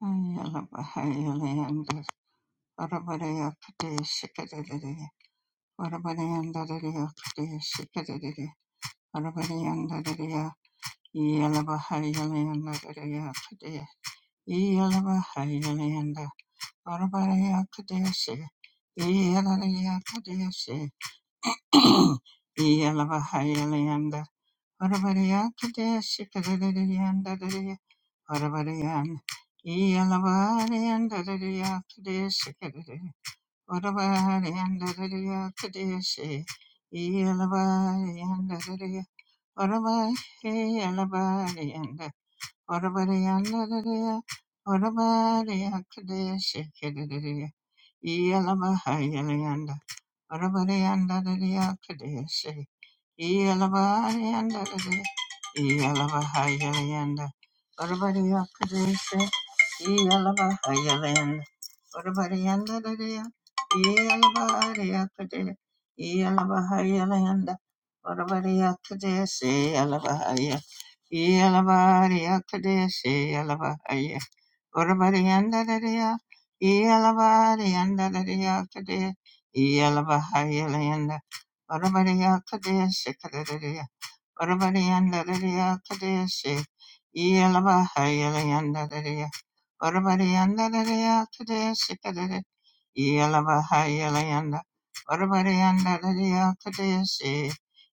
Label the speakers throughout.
Speaker 1: Yalaba Orabariya Kadeshi Kadadadiyan Dadadiya Orabariyan Iyalabariyan Dadadiya Kadeshi Orabari and Dadaria Kadeshi, Elabari and Dadaria, Orabari, Elabari and Orabari and Dadaria, Orabari Kadeshi, Kedaria, Elabari and Orabari and Dadaria Yalabahaya, Orabari andadariya, iyalabari andadariya kade, iyalabahari yanda, orabariya kade sekadariya, orabari andadariya kade se, iyalabahari yanda dariya, orabari andadariya kade Yelabahayalayanda, Varavarayanda, Dadiakadesi,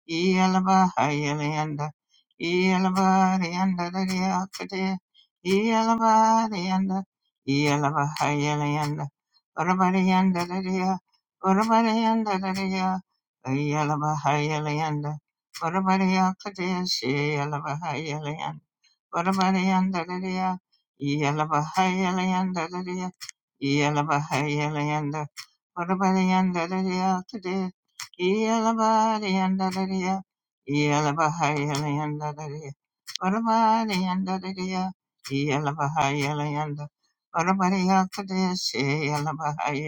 Speaker 1: Yelabahayalayanda, Yelabarayanda, Dadiakade, Yelabarayanda, Yelabahayalayanda, Varavarayanda, Dadia, Varavarayanda, Dadia, Yelabahayalayanda, Varavarayakadesi, Varavareyandarareya, Yalavahayalayandarareya, Yalabahayalayanda, Varavareyandarareya, today, Yalavareyandarareya, Yalavahayalayandarareya, Varavareyandarareya, Yalavahayalayanda, Varavareya, today, say Yalabahaya,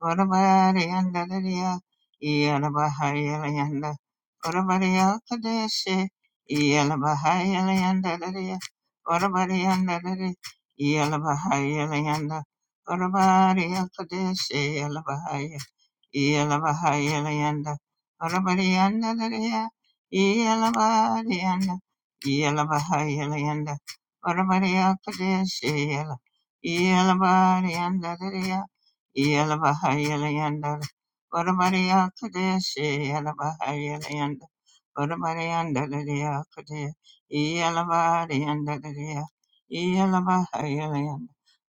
Speaker 1: Orabariandaliya, Iyalabahayalayanda, Orabariakadeshi, Iyalabahayalayandaliya, Orabariandalari, Iyalabahayalayanda, Orabariakadeshi, Iyalabahaya, Iyalabahayalayanda, Orabariandalariya, Iyalabarianda, Iyalabahayalayanda, Orabariakadeshi, Iyalabariandalariya, Yalabahayalayanda, Varamaria Kadeshi, Yalabahayalayanda, Varamarianda Lidia Kadir, Yalabarianda Lidia, Yalabahayalayanda,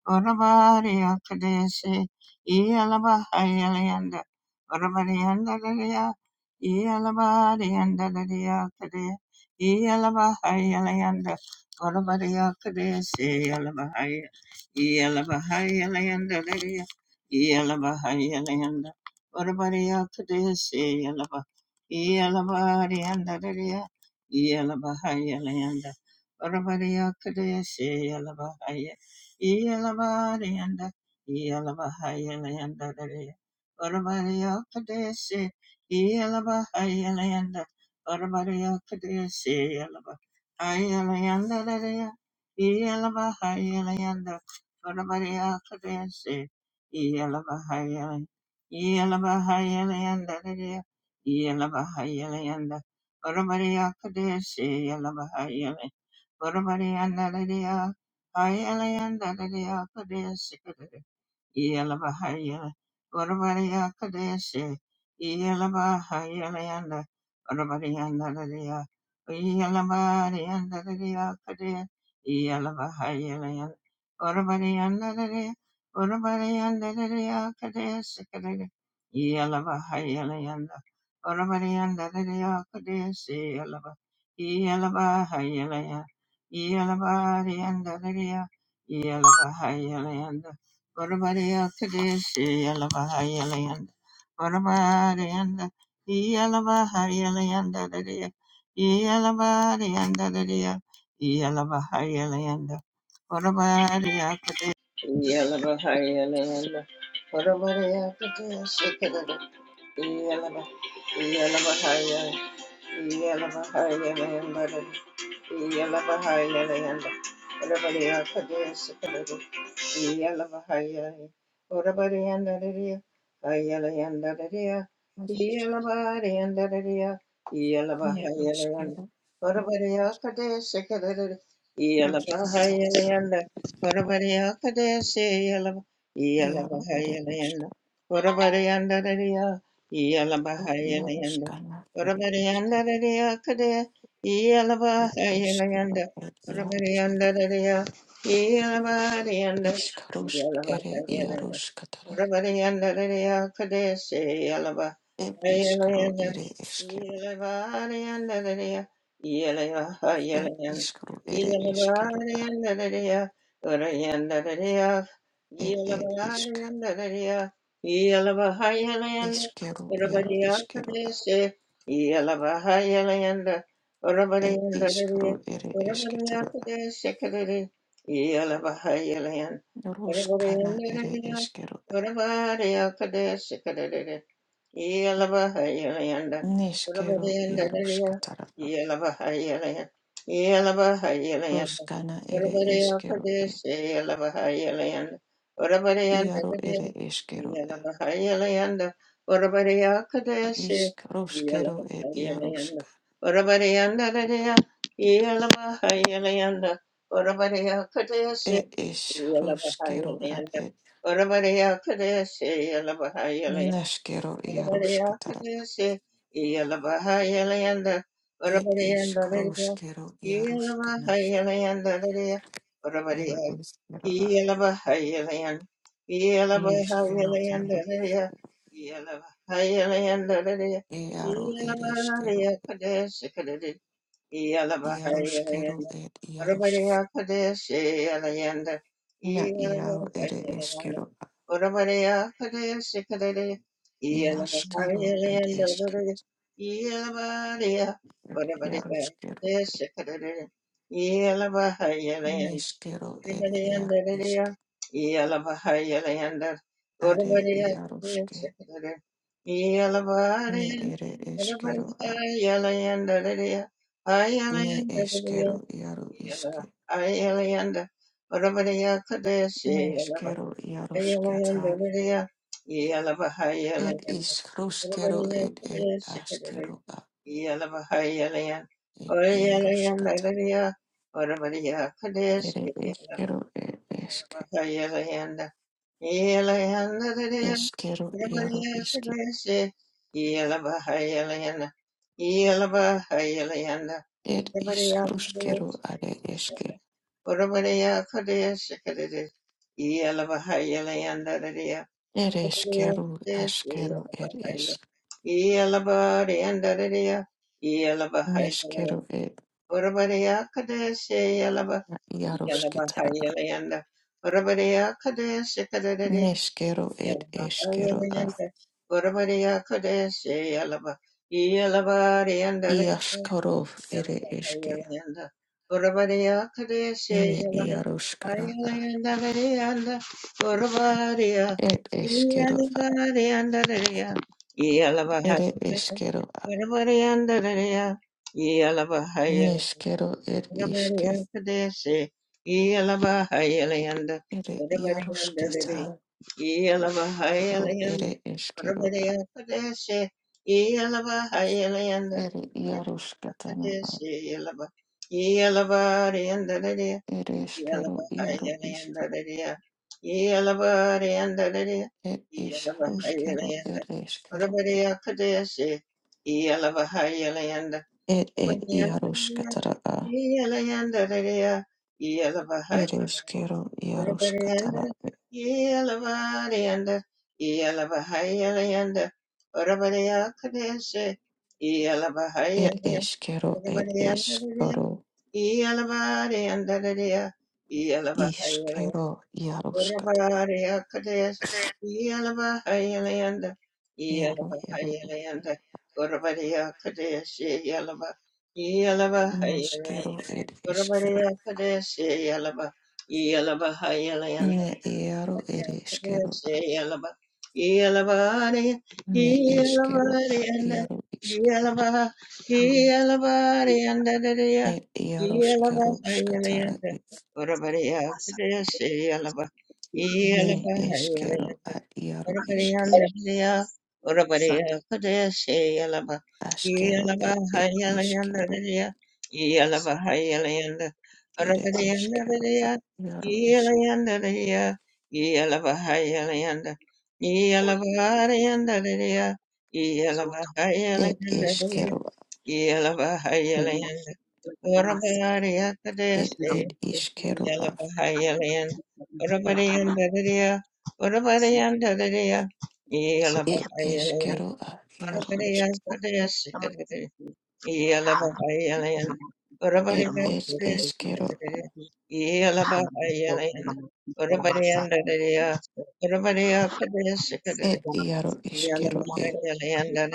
Speaker 1: Varamaria Kadeshi, Yalabahayalayanda, Varamarianda Lidia, Yalabarianda Lidia Kadir, Yalabahayalayanda, Varamaria Kadeshi, Yalabahaya, Yalabahayalayanda Yelabahayalayanda. Orabariya Kadesi Yelaba. Yelabariandadaria. Yelabahayalayanda. Orabariya Kadesi Yelabahaya. Yelabarianda. Yelabahayalayandadaria. Orabariya Kadesi Yelabahayalayanda. Orabariya Kadesi Yelaba. Ayalayandadaria. Yelabahayalayanda. Orabariya Kadesi. Yelavahayala, Yelavahayala Yandaraya, Yelavahayala Yanda, Varabariya Kadeshi, Yelavahayala, Varabariya Nandaraya, Hayala Yandaraya Kadeshi, Yelabahayela, Urabadiya Kadeshi, Yelabahayelayanda, Urabadiyanda Dadiya, Yelabadiyanda Dadiya Kadesh, Yelabahayelayanda, Urabadiyanda Dadiya, Urabadiyanda Dadiya Kadeshi Kadesh, Yelabahayelayanda, Urabadiyanda Dadiya Kadeshi, Yelaba, Yelabahayelayanda, Yelabadiyanda Dadiya, Yelabahayelayanda, Yalaba, Yalla Yalla yeah. Yalabahayalayanda, Orabarayandadariya, Orabarayakade Shekadari, Yalabahayalayanda, Orabarayandadariya, Orabarayakade Shekadari, Yelabahayalanda, Urabadayanda Dadaya, Yelabahayalayan, Yelabahayalanda, Urabadaya Kadesh, Yelabahayalanda, Urabadayanda Dadaya, Yelabahayalayanda, Urabadaya Kadesh, Yelabahayalayanda, Urabadayanda Dadaya, Yelabahayalayanda, Urabadaya Kadesh, Yelabahayalayanda, Urabadaya Kadesh, Yelabahayalayanda, Yalabahayalanda, Yellow, yeah, Yalabahayalayandaradiya. Yalaba, Yalabahayalanda, Urabadiya Kadeshe Yalabahayalanda Rayanda, Urabadiya, Yalabahayalanda Raya, Yalabahayalanda, Urabadiyanda Raya, Kadesi, Elaba Hyalianda, whatever the day, Elaba Hyalianda, whatever the Yalabahayalanda, yeah. Yalaba, Yellow,
Speaker 2: I am the master of the universe. I am the
Speaker 1: Orabarianda
Speaker 2: creator
Speaker 1: Haya,
Speaker 2: of
Speaker 1: Orabaria Kadeshe Yalaba, Yalaba Hayalayanda Ria, Yalaba Hayalayanda, Orabarianda Ria, Yalayanda Ria, Yalaba Hayalayanda,
Speaker 2: all
Speaker 1: Yalaba
Speaker 2: things.
Speaker 1: Arianda Ria, Yalaba Hayalayanda Ria, Yalaba
Speaker 2: I am the
Speaker 1: Hayalayanda,
Speaker 2: master
Speaker 1: Orabaria
Speaker 2: of the universe. I
Speaker 1: Kadeshe
Speaker 2: am the creator of all things. I am the
Speaker 1: Yalabahayalan,
Speaker 2: master of the universe. I am
Speaker 1: Urabadayandadadaya, Urabadayandadadaya,
Speaker 2: the
Speaker 1: Yalabahayalan,
Speaker 2: creator of all things. I am the master of the
Speaker 1: Urabadaya
Speaker 2: universe.
Speaker 1: Kadaya
Speaker 2: I am
Speaker 1: Sikadadaya,
Speaker 2: the
Speaker 1: Yalabahayalan, Urabadaya Kadaya Sikadadaya, Yalabahayalan, Urabadayandadadaya, Urabadaya Kadaya yeah.
Speaker 2: creator of all things.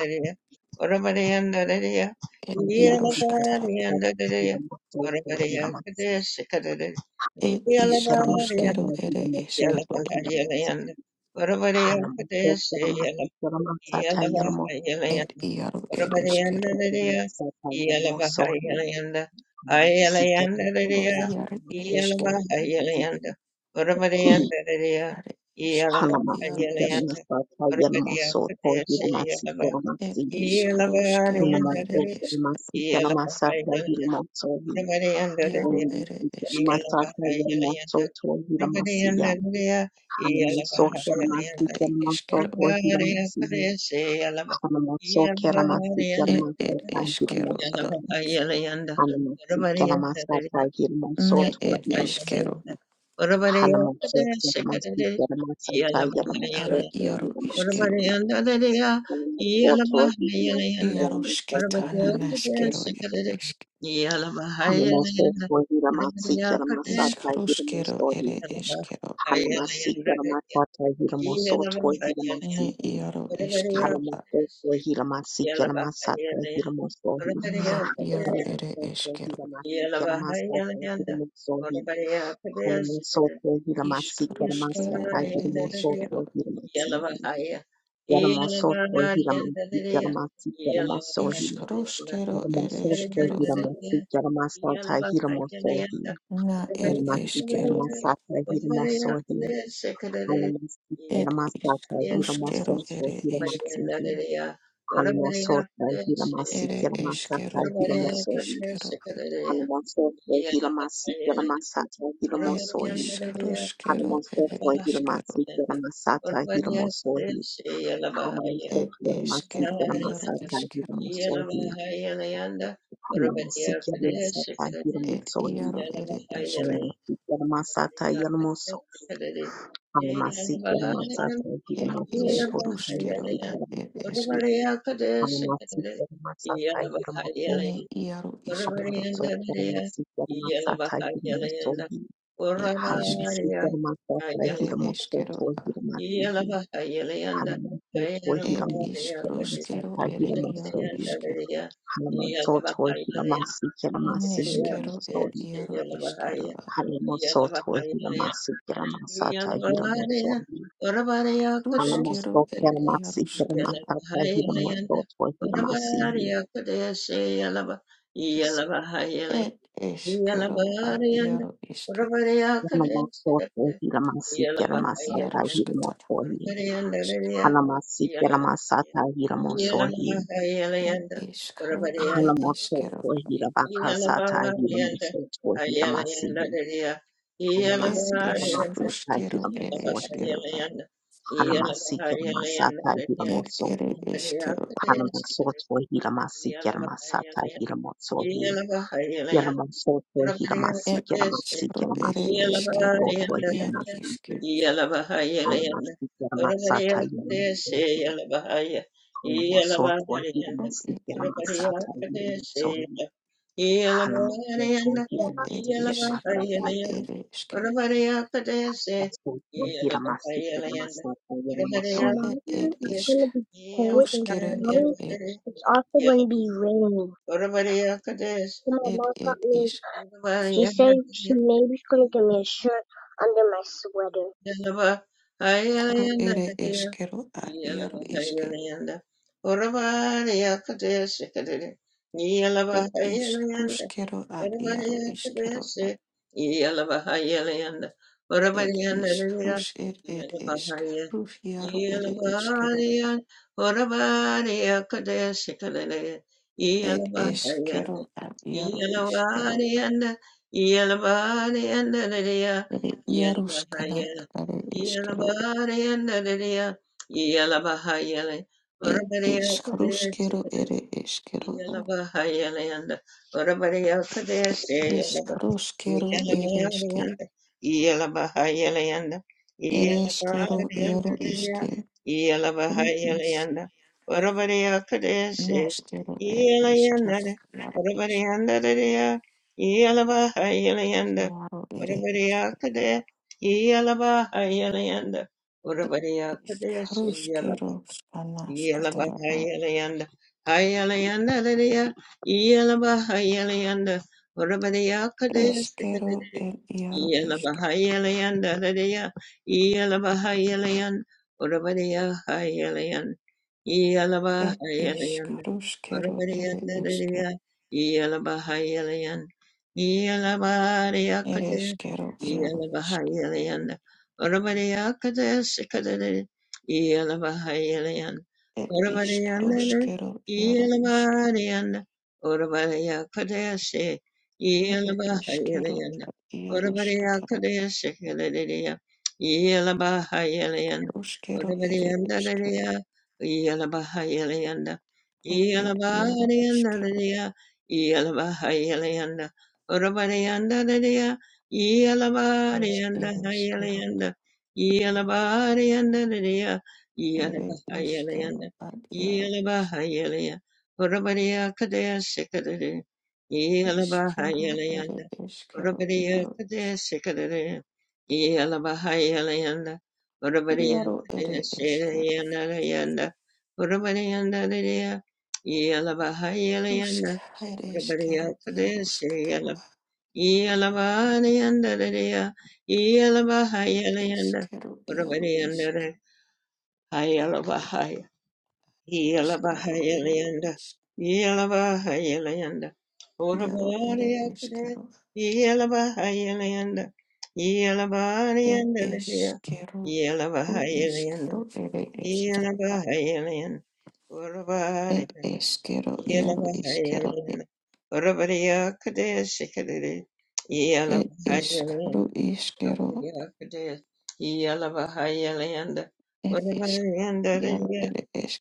Speaker 2: Halamas,
Speaker 1: Iyalavahayalayanda. Oravalayandadadaya. Iyalavahayalayanda. Ayalayandadadaya. Iyalavahayalayanda. Oravalayandadadaya. Iyalavahayalayanda. Oravalayasadayasiyalava. Iyalavahayalayandadadaya. Iyalavahayalayanda. Oravalayandadadaya.
Speaker 2: Masaka Yamato
Speaker 1: Iyalavahayalayanda.
Speaker 2: Hiramasiya
Speaker 1: Oravalayandadadaya.
Speaker 2: Hanamoso Keramasi
Speaker 1: Iyalavahayalayanda.
Speaker 2: Keramato
Speaker 1: Yeah.
Speaker 2: Hiramasiya Hanamoso Keramasi Keramato by Hiramoso Hanamasi Keramasa by Hiramoso toward Hiramasi Hanamoso Keramasi Keramasa Hiramoso Hiramasi Hanamoso toward Hiramasi Keramasa by Hiramoso Hanamoso toward Hiramasi Keramasa by Hiramoso Hanamasiki Hanamasata Hiramosoto Hiramasiki Hanamosoto Hiramasiki
Speaker 1: Yeah.
Speaker 2: Hanamasata Hiramosohi Hanamosoto Hiramasiki Hanamasata Hiramosohi Hanamosoto Hiramasiki Hanamasata Hiramosoto Hiramasihi Yaramosoto Hiramasiki Hanamasiki Hanamosohi Yaramosoto Hiramasiki Hanamasata Hiramosohi Hanamasiki Hanamasata Hiramosohi Halamasita Ramasata Hiramosoto Hiramasihi Halamosoto Hiramasiki Ramasata
Speaker 1: Yeah.
Speaker 2: Hiramosori Halamosoto Hiramasiki Ramasata Hiramosori Halamosoto Hiramasiki Ramasata Hiramosori Halamosoto Hiramasiki Ramasata Hiramosori Halamasiki Ramasata Hiramosori Halamasiki Ramasata Hiramoso Halamasiki Ramasata Hiramosoto Hanamasitera masata yiramusohi. Hanamasokera
Speaker 1: Orabariyandariya,
Speaker 2: masitera masata
Speaker 1: iyalabahayalanda.
Speaker 2: yiramusohi.
Speaker 1: Orabariya,
Speaker 2: Hanamasitera masata
Speaker 1: ayala,
Speaker 2: yiramusoto yiramasihi.
Speaker 1: iyalabahayalanda.
Speaker 2: Hanamasoto
Speaker 1: Ayalabariya,
Speaker 2: yiramasitera
Speaker 1: kati.
Speaker 2: masata yiramusohi.
Speaker 1: Ishakadayandariya,
Speaker 2: Hanamasoto
Speaker 1: iyalabahayalanda.
Speaker 2: yiramasitera masihi
Speaker 1: Orabariya, kati.
Speaker 2: yiramusohi.
Speaker 1: Iyalabahaya,
Speaker 2: Hanamasoto
Speaker 1: iyalabahayalanda.
Speaker 2: yiramasitera masata
Speaker 1: Iyalabariya,
Speaker 2: yiramusohi.
Speaker 1: orabariya, kati.
Speaker 2: Hanamasokera masikera masata
Speaker 1: Iyalabahayalanda.
Speaker 2: yiramusoto yiramasihi.
Speaker 1: Orabariya, kati. Iyalabahayalanda. Yalabariyanda, Urvariyakadeshikada,
Speaker 2: Yanamasoto Hiramasiki Ramasata
Speaker 1: Yalabakayalaya,
Speaker 2: Hiramotohi
Speaker 1: Urvariyandaraya,
Speaker 2: Hanamasiki
Speaker 1: Yalabakaya,
Speaker 2: Ramasata Hiramosohi
Speaker 1: Yalabakayalayanda, Urvariya,
Speaker 2: Hanamototo Hirabakasata
Speaker 1: Yalabariyanda,
Speaker 2: Hiramosoto Hiramasihi
Speaker 1: Ayalayandaraya,
Speaker 2: Hanamasiki
Speaker 1: Yalabariyanda,
Speaker 2: Ramasata Hiramosohi
Speaker 1: Yalabakayalayanda,
Speaker 2: Hanamasiki
Speaker 1: Yalabakayalayanda,
Speaker 2: Ramasata Hiramosohi
Speaker 1: Urvariyakadeshikada,
Speaker 2: Hanamasoto Hiramasiki Ramasata Hiramosohi
Speaker 1: Yalabakayalayanda,
Speaker 2: Yanamasoto
Speaker 1: Yeah.
Speaker 2: Hiramasiki Ramasiki Ramasiki Ramosoto Hiramasihi Tomorrow it's gonna be cold and tomorrow it's also gonna be raining. my mom got me. She said she maybe she's gonna give me a shirt under my sweater.
Speaker 1: Yalaba, Yelabahaya, Yalabahayalanda, Yelabahayalayanda. Hayalayandalaya. Yelabahayalayanda. Orabadeyakadestikadede. Yelabahayalayandalaya. Yelabahayalayan. Orabadeyahayalayan. Yelabahayalayanda. Orabadeyandalaya. Yelabahayalayan. Yelabadeyakade. Yelabahayalayanda. Orabadeyakadestikadede. Yelabahayalayan. Orabadeyandana, Yelabadeyanda, Orabadaya Kadeshe, Yelabahayelayanda, Orabadaya Kadeshe, Heladeya, Yelabahayelayanda, Orabadeyandadaya, Yelabahayelayanda, Yelabadeyandadaya, Yelabahayelayanda, Orabadeyandadaya, Yelabadeyandahayelayanda, Yelabadeyandadaya, Yelabahayelayanda, Yelabahayelia, Urabadiya Kadea Sikadere, Yelabahayelayanda, Urabadiya Kadea Sikadere, Yelabahayelianda, Urabadiya Kadea Sikadere, Yanda, Urabadiyanda, Yelabahayelianda, Urabadiya Kadea Sikadere, Yelabahayelianda, Yelabahayelianda, Urabadiyanda, Hayelabahaya. Yelabahayalayanda, Yelabahayalayanda, Orabariyakade, Yelabahayalayanda, Yelabariyanda, Yelabahayalayanda, Yelabahayalayanda, Orabariyanda, Yelabahayalayanda, Orabariyakade, Shikadade, Yelabahayalayanda, Orabariyakade, Yelabahayalayanda, Orabariyanda,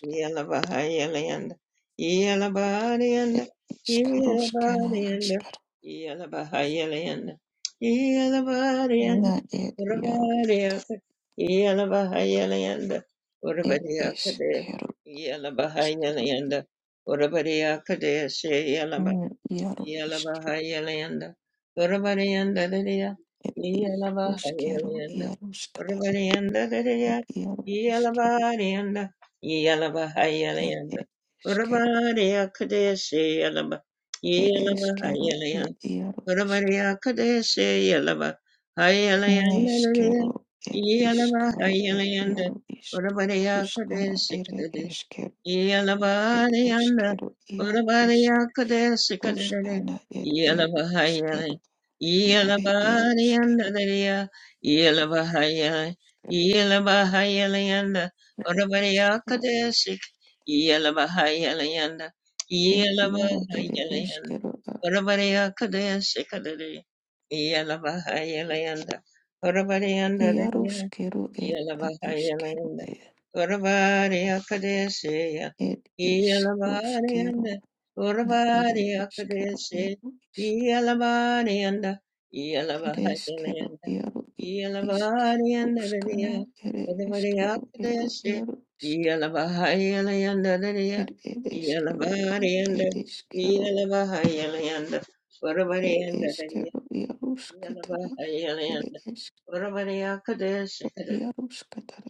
Speaker 1: Yelabahayelianda, Yelabadianda, Yelabadianda, Yelabahayelianda, Yelabadianda, Urabadiaka, Yelabahayelianda, Urabadiaka de, Yelabahayelianda, Urabadiaka de, Yalabahayalayanda, Varavarayanda Dadaya, Yalabahayalayanda, Varavarayanda Dadaya, Yalabarayanda, Yalabahayalayanda, Varavaraya Kadeshe Yalaba, Yalabahayalayanda, Varavaraya Kadeshe Yalaba, Hayalayanda Dadaya, Yalabahayalayanda, Varavaraya Kadeshe Yalabarayanda, Urabarayakade, Sikadere, Yalabahaya, Yalabarayanda, Daria, Yalabahaya, Yalabahaya, Layanda, Urabarayakade, Sik, Yalabahaya, Layanda, Yalabahaya, Layanda, Urabarayakade, Sikadere, Yalabahaya, Layanda, Urabarayanda, Yelavahayalanda, Uravari Akadeseya, Yelavari and Uravari Akadese, Yelavari and Yelavahayalanda, Yelavari and Lydia, Uravari Akadese, Yelavahayalanda, Lydia, Yelavari and Yelavahayalanda, Uravari and Lydia, Yelavahayalanda, Uravari Akadese, Yalaba,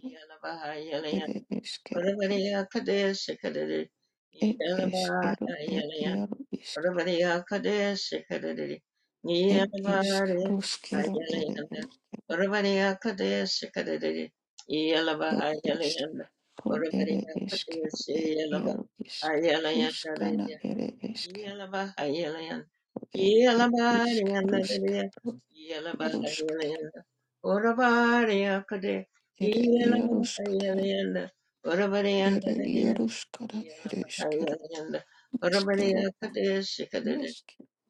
Speaker 1: Yelabahayalan, Yelabadiyanadadiya, Yelabahayalanda, Urabadiyakade, Yelabahayalanda, Urabadiyandadadiya, Yelabahayalanda, Urabadiyakade,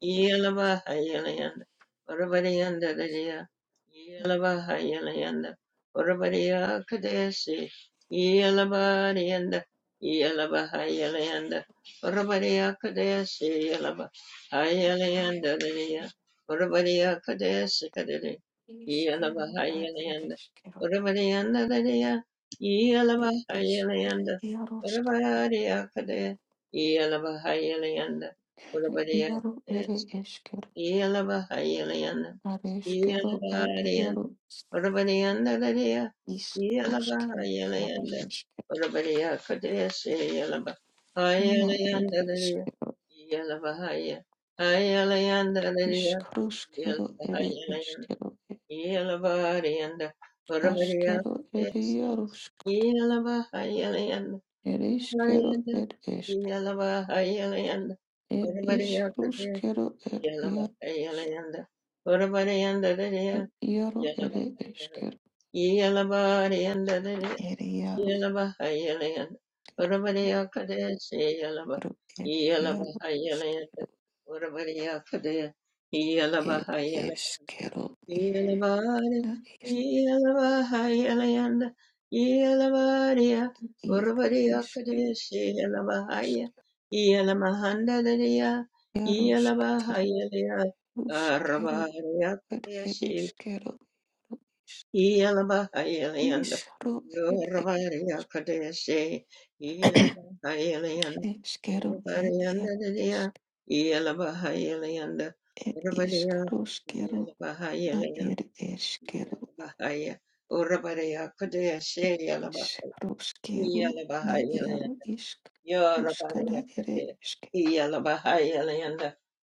Speaker 1: Yelaba Hayalayanda, Urabadianda Lydia, Yelaba Hayalayanda, Urabadia Kadesi, Yelabadianda, Yelaba Hayalayanda, Urabadia Kadesi, Yelaba Hayalayanda Lydia, Kadesi Kadidi, Yelaba Hayalayanda, Urabadianda Lydia, Yelaba Hayalayanda, Urabadia Kadesi, Yelaba Urabadiya kadesi, Yelava Hayeliana, Yelava Arianda, Urabadianda Dadia, Yelava Hayelianda, Urabadiya kadesi Yelabarianda, Varavarayanda, Iyalavahayalanda, Varavarayakade, Iyalavahayalanda, Varavarayandadadaya, Iyalavahayalanda, Iyalavarayandadadaya, Iyalavahayalanda, Varavarayakade, Seyalava, Iyalavahayalanda, Varavarayakade, Iyalavahayalanda, Yelavare, Yelavahayalanda, Yelavaria, Urvaria Kadeshi, Yelavahaya, Yelamahanda, Yelavahayalia, Arvaria Kadeshi, Yelavahayalanda, Urvaria Kadeshi, Yelavahayalanda, Urvarianda, Yelavahayalanda, Urvaria, Yelavahayalanda, Bahaya. Urabaraya Kudaya Shayalaba Yalabahaya Land. Yorabaraya Kudaya Yalabahaya Land.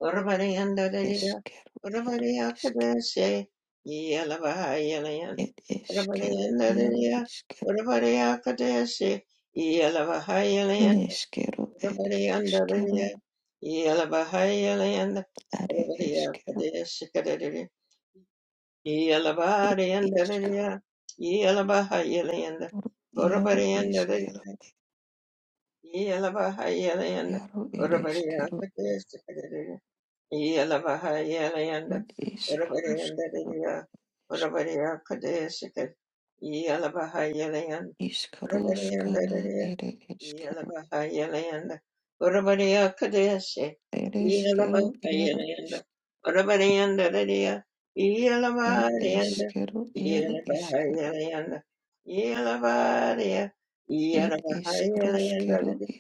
Speaker 1: Urabarayanda Dadaya Urabaraya Kudaya Shay Yalabahaya Land. yanda, Dadaya Urabaraya Kudaya Shay Yalabahaya Land. Urabarayanda Dadaya Yalabahaya Land. Urabaraya Kudaya Yelabariyandadadaya, yelabahayelayanda, orabariyandadadaya, yelabahayelayanda, orabariyakatesakadadaya, yelabahayelayanda, orabariyandadadaya, orabariyakatesakad- yelabahayelayanda, orabariyandadadaya, Yelabahayalayanda. Urabadiya Kadesi. Yelabahayalayanda. Urabadiyanda Dadiya. Yelabadiyanda. Yelabahayalayanda. Yelabadiya. Yelabahayalayanda Dadiya.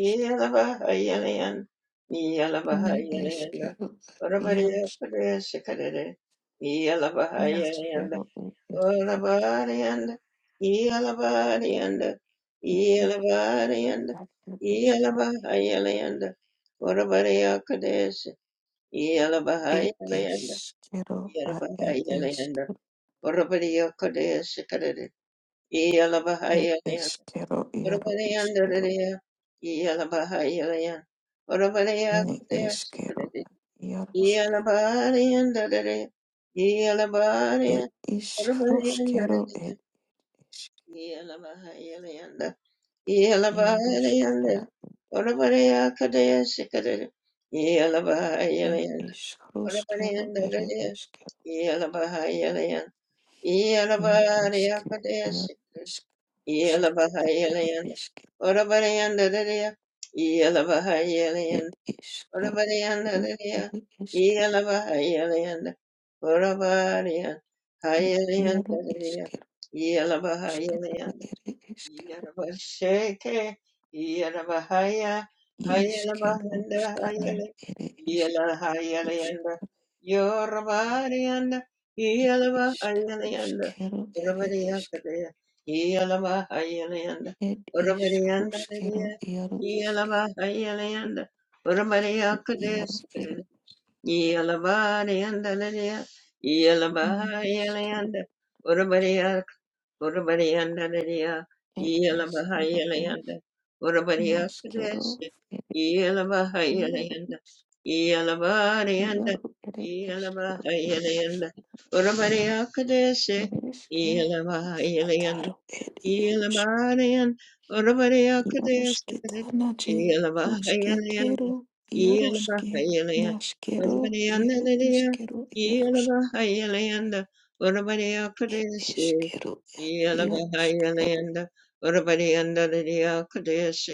Speaker 1: Yelabahayalayanda. Yelabahayalayanda. Urabadiya Kadesi Kadede. Yelabahayalayanda. Olabariyanda, Elabariyanda, Elabariyanda, Elabahayalayanda, Orabariyakadesh, Elabahayalayanda, Elabahayalayanda, Orabariyakadesh, Kadade, Elabahayalayanda, Orabariyandariya, Elabahayalayanda, Orabariyakadesh, Kadade, Elabariyandariya, Elabariyanda, Orabariyandariya, Yelabahayalayanda, Yelabahayalayanda, Orabareya Kadaya Sikadaya, Yelabahayalayanda, Orabareyanda Kadaya, Yelabahayalayanda, Yelabahareya Kadaya Sikadaya, Yelabahayalayanda, Orabareyanda Kadaya, Yelabahayalayanda, Orabareyanda Kadaya, Yelabahayalayanda, Orabareya Hayalayanda Kadaya, Yelabahayalayanda, Yarabasheke, Yarabahaya, Hayalabahanda, Hayale, Yalahayalayanda, Yorabarianda, Yalabahayalayanda, Urabadiyakadaya, Yalabahayalayanda, Urabadiyanda, Yalabahayalayanda, Urabadiyakadaya, Yelabariyandalaya, Yelabahayalayanda, Urabariya, Urabariyandalaraya, Yelabahayalayanda, Urabariya Kadeshi, Yelabahayalayanda, Yelabariyanda, Yelabahayalayanda, Urabariya Kadeshi, Ilabarian, Urabariya Kadesh, Ilabahayalian, Ilabahayalian, Urabarian, Nadia, Ilabahayalian, Urabariya Kadesh, Ilabahayalian, Urabarian, Nadia Kadesh,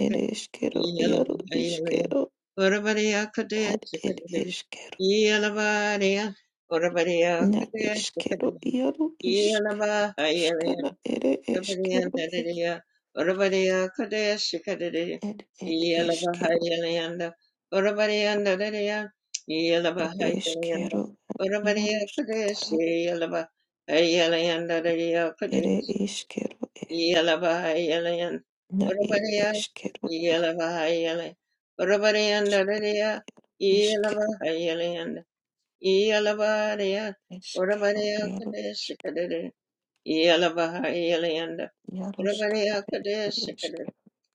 Speaker 1: Ilabahayalian, Urabariya Kadesh, Ilabariya, Urabariya Kadesh, Ilabahayalian. Yalabahayalanda, Yalabahayalanda, Yalabahayalanda, Yalabahayalanda, Yelabahayalanda, Urabariya Kadeshikada,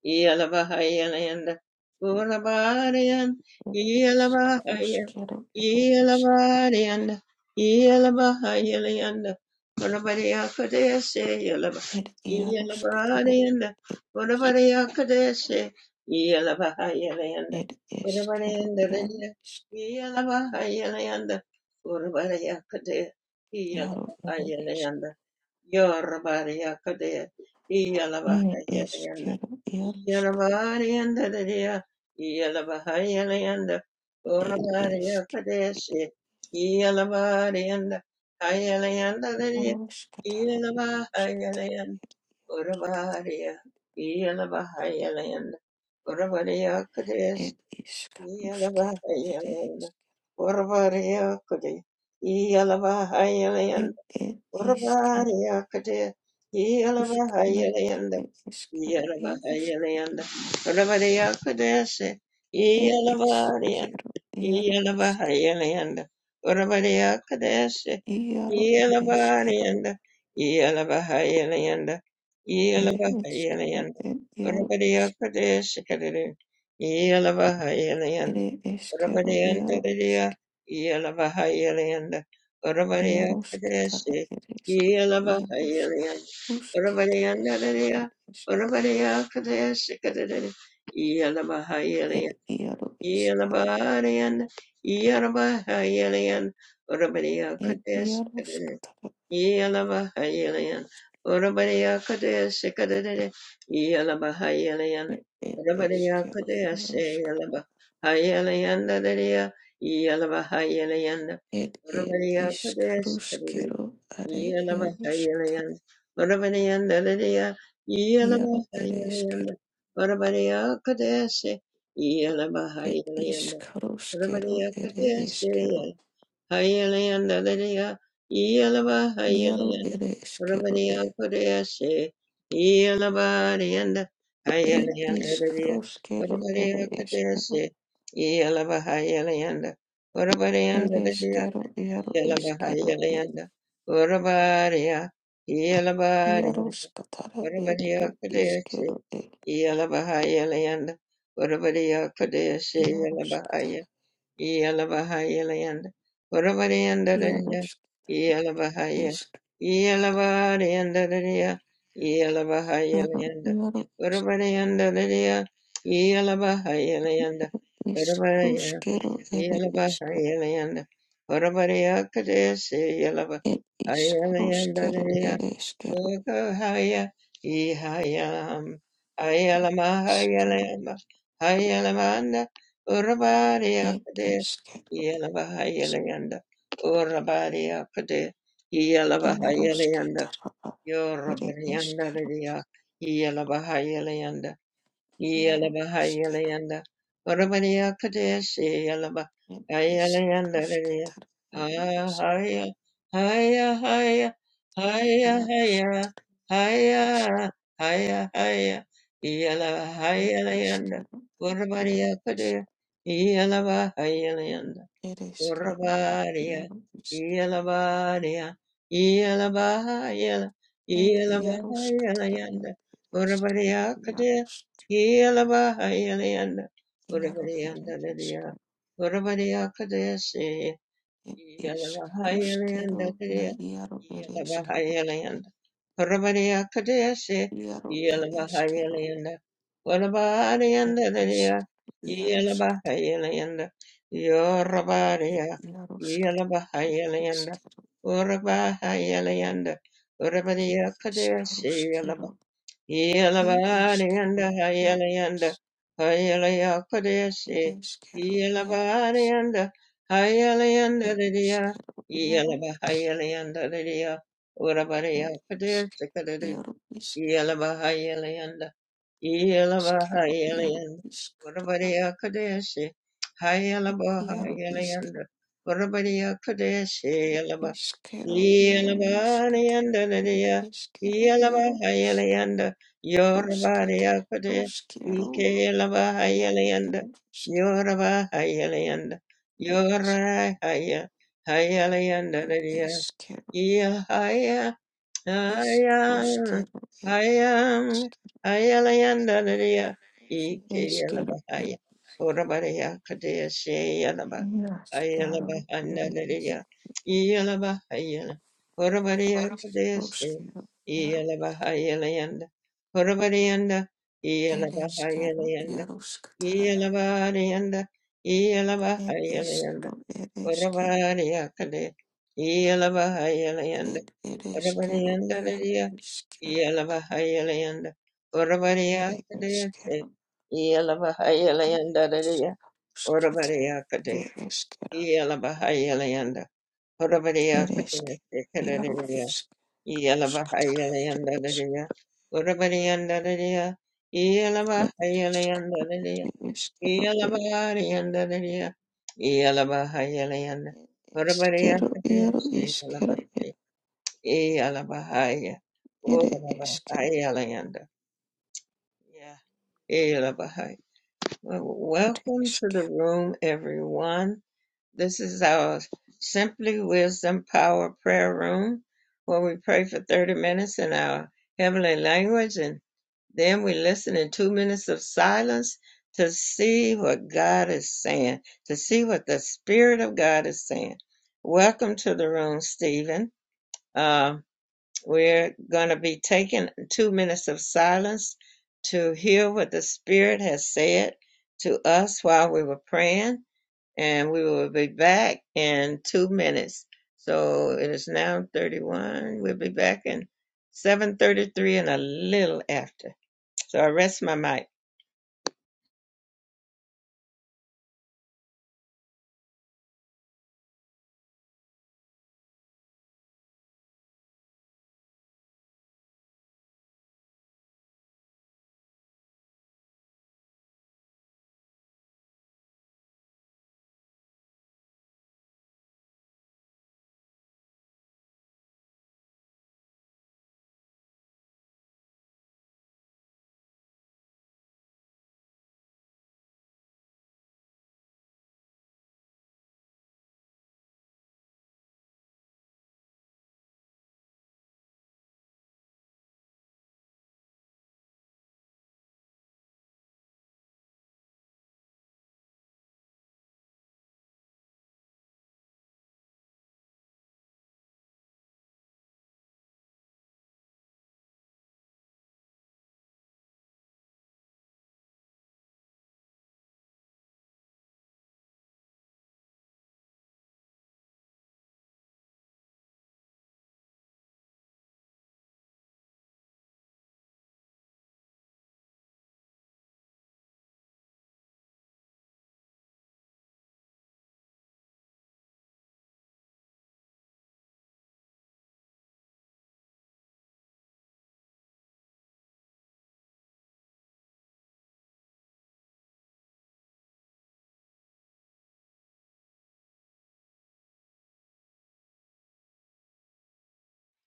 Speaker 1: Yelabahayalanda, Urabariyan, Yelabahayan, Yelabarianda, Yelabahayalanda, Urabariya Kadeshe, Yelaba, Yelabarianda, Urabariya Kadeshe, Yelabahayalanda, Urabarianda, Yelabahayalanda, Urabariya Kadeshe, Yelabahayalanda, Yorabaria Kadea, Yalabahayanda, Yalabarianda, Yalabahayanda, Orabaria Kadeshi, Yalabarianda, Hayalanda, Yalabahayalan, Orabaria, Yalabahayalan, Orabaria Kadesh, Yalabahayalan, Orabaria Kadesh, Orabariakade, Yelavahayalayanda, Yelavahayalayanda, Orabariakadese, Yelavarian, Yelavahayalayanda, Orabariakadese, Yelavarianda, Yelavahayalayanda, Yelavahayalayanda, Orabariakadese, Kadere, Urabadiya Yelavahayaland, Urabadiya kadesi Urabadiyantadiriya, Iyalabahayaliyanda, Urabadiyakadesi, Iyalabahayaliyanda, Urabadiyandadiriya, Urabadiyakadesi kadadiri, Iyalabahayaliyanda, Iyalabahariyanda, Iyalabahayaliyanda, Urabadiyakadesi Yalabahayalayan. Urabadiya Kadaya Sikadadada. Yalabahayalayan. Urabadiya Kadaya Sayalabahayalayan Dadaya. Yalabahayalayan. Urabadiya Kadaya Sikadadada. Yalabahayalayan. Urabadiya Dadaya. Yalabahayalayan. Urabadiya Kadaya Sayalabahayalayan. Urabadiya Kadaya Hayalanda Lydia, Yelava Hayalanda, Romania Kodeshe, Yelava Yanda, Hayalanda Lydia, Romania Kodeshe, Yelava Hayalanda, Romania Lydia, Yelava Hayalanda, Romania, Yelava Yanda, Romania Kodeshe, Yelava Hayalanda, Romania Kodeshe, Yelavahayelianda, Uravariandadariya, Yelavahaya, Yelavariandadariya, Yelavahayelianda, Uravariandadariya, Yelavahayelianda, Uravaraya, Yelavahayelianda, Uravariya Kadeshi, Yelavahayelianda, Ukohaya Ihayalam Ayalamahayalama Hayalamanda Urabariakade Yalavahayalayanda Urabariakade Yalavahayalayanda Yorabarianda Lydia Yalavahayalayanda Yelabahayalayanda, Varabariya Kadeshi, Yelaba, Hayalayanda, Lariya, Ahaya, Haya, Haya, Haya, Haya, Haya, Haya, Haya, Yelabahayalayanda, Varabariya Kadeshi, Urabadiya, Yelabadiya, Yelabayela, Yelabayela yanda, Urabadiya kadea, Yelabayela yanda, Urabadiya dadadiya, Urabadiya kadea se, Yelabahayalanda, Yelavarianda Hayalayanda Hayalaya Kodesi Yelavarianda Hayalayanda Lydia Yelava Hayalayanda Lydia Urabariya Kodesi Kadadi Yelava Hayalayanda Yelava Hayalayanda Urabariya Kodesi Hayalava Hayalayanda Urabariya Kodesi Yelabariyandalaya, Yelabahayalayanda, Yorabariyakade, Ikelabahayalayanda, Yorabahayalayanda, Yorahaya, Hayalayandalaya, I am, Ayam, ayam, ayalayandalaya, ikeyalabahaya, orabaraya, kadeya, sheyalaba, ayalabahandalaya, iyalabahayala, orabaraya, kadeya, she, iyalabahayalayanda, orabarayanda, iyalabahayalayanda, iyalabarayanda, iyalabahayalayanda, orabaraya, kadeya, iyalabahayalayanda, orabarayandalaya, Yelavahayalanda, Oravaria Kadesi, Yelavahayalanda, Oravaria Kadesi, Yelavahayalanda, Oravaria Kadesi, Kadadaria, Yelavahayalanda, Oravarianda, Yelavahayalanda, Yelavarianda, Yelavahayalanda, Oravaria Kadesi, Yelavahaya, Yelavahaya, Oravahayalayanda. Yeah. Hey, Labahai. Well, Welcome to the room, everyone. This is our Simply Wisdom Power Prayer Room where we pray for 30 minutes in our heavenly language and then we listen in two minutes of silence to see what God is saying, to see what the Spirit of God is saying. Welcome to the room, Stephen. Uh, we're going to be taking two minutes of silence to hear what the Spirit has said to us while we were praying, and we will be back in two minutes. So it is now 31. We'll be back in 7:33 and a little after. So I rest my mic.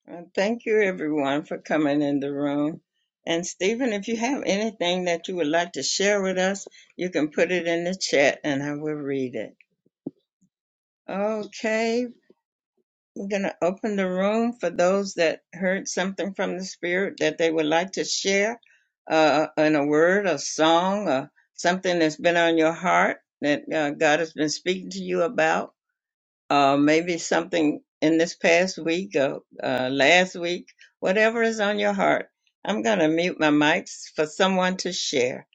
Speaker 1: And Thank you, everyone, for coming in the room. And Stephen, if you have anything that you would like to share with us, you can put it in the chat, and I will read it. Okay, we're going to open the room for those that heard something from the Spirit that they would like to share uh, in a word, a song, or something that's been on your heart that uh, God has been speaking to you about, uh, maybe something in this past week or uh, last week, whatever is on your heart. I'm going to mute my mics for someone to share.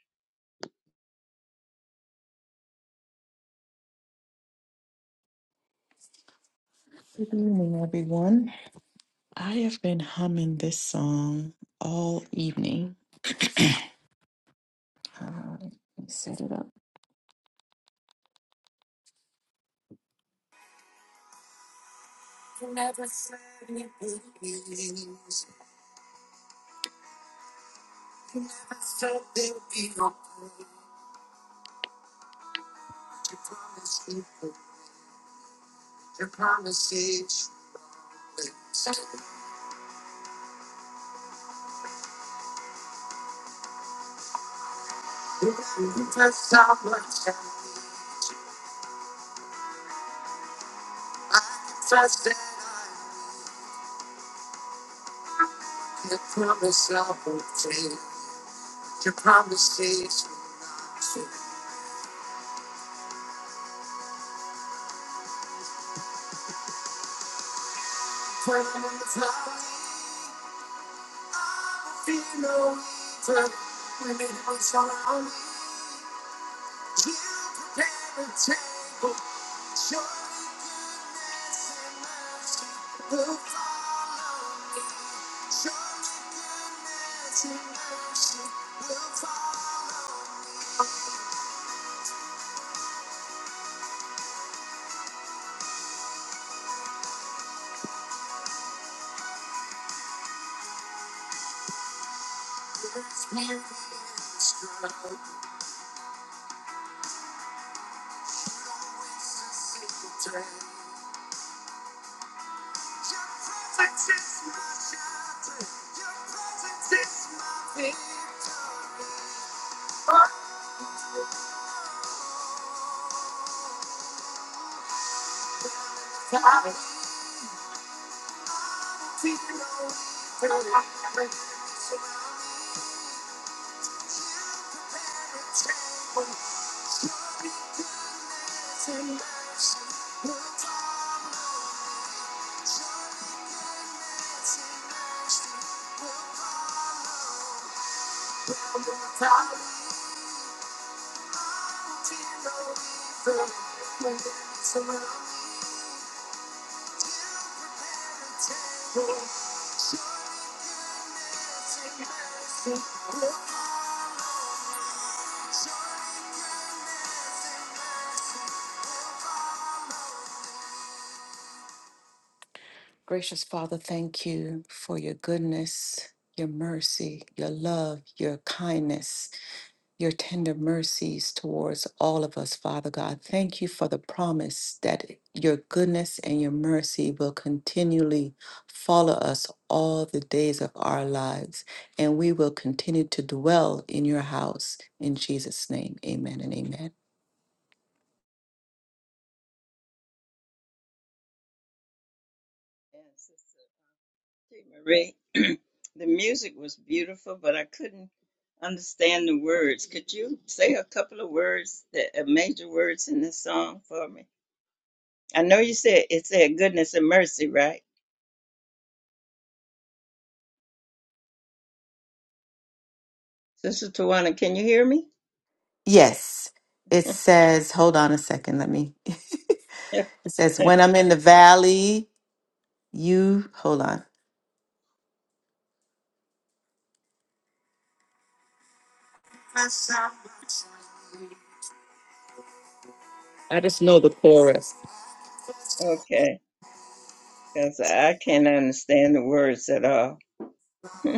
Speaker 1: Hey, Marie. the music was beautiful, but I couldn't understand the words. Could you say a couple of words, the uh, major words in the song for me? I know you said it said goodness and mercy, right? Sister Tawana, can you hear me?
Speaker 3: I just know the chorus.
Speaker 1: okay, because I can't understand the words at all.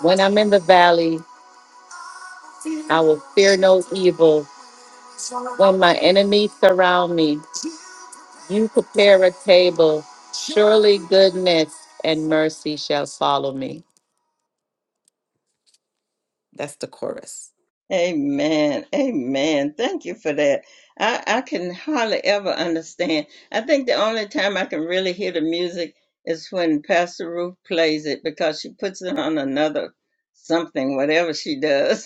Speaker 3: When I'm in the valley, I will fear no evil. When my enemies surround me, you prepare a table. Surely goodness and mercy shall follow me.
Speaker 1: Amen. Amen. Thank you for that. I, I can hardly ever understand. I think the only time I can really hear the music is when Pastor Ruth plays it because she puts it on another something, whatever she does.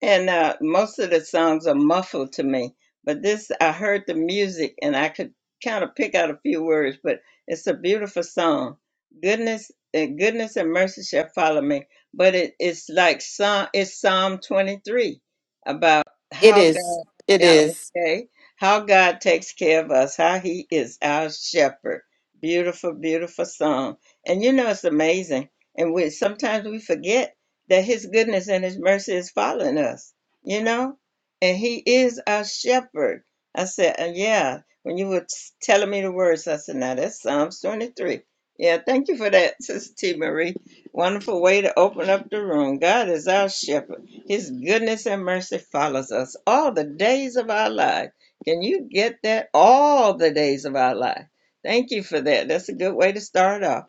Speaker 1: And uh, most of the songs are muffled to me, but this I heard the music and I could kind of pick out a few words. But it's a beautiful song. Goodness and goodness and mercy shall follow me. But it, it's like Psalm. It's Psalm twenty three about
Speaker 3: It
Speaker 1: how
Speaker 3: is.
Speaker 1: God.
Speaker 3: It
Speaker 1: Yeah,
Speaker 3: is.
Speaker 1: okay, how God takes care of us. How He is our shepherd. Beautiful, beautiful song. And you know it's amazing. And we sometimes we forget that his goodness and his mercy is following us, you know? And he is our shepherd. I said, uh, yeah, when you were telling me the words, I said, now that's Psalms 23. Yeah, thank you for that, Sister T. Marie. Wonderful way to open up the room. God is our shepherd. His goodness and mercy follows us all the days of our life. Can you get that? All the days of our life. Thank you for that. That's a good way to start off.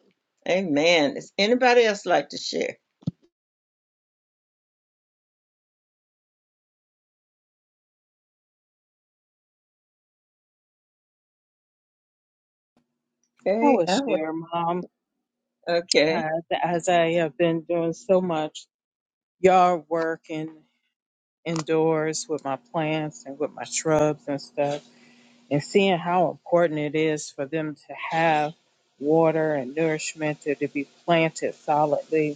Speaker 1: Amen. Does anybody else like to share?
Speaker 4: I
Speaker 1: Okay,
Speaker 4: will
Speaker 1: I was
Speaker 4: share, Mom,
Speaker 1: okay.
Speaker 4: uh, as I have been doing so much yard work and indoors with my plants and with my shrubs and stuff, and seeing how important it is for them to have water and nourishment to, to be planted solidly.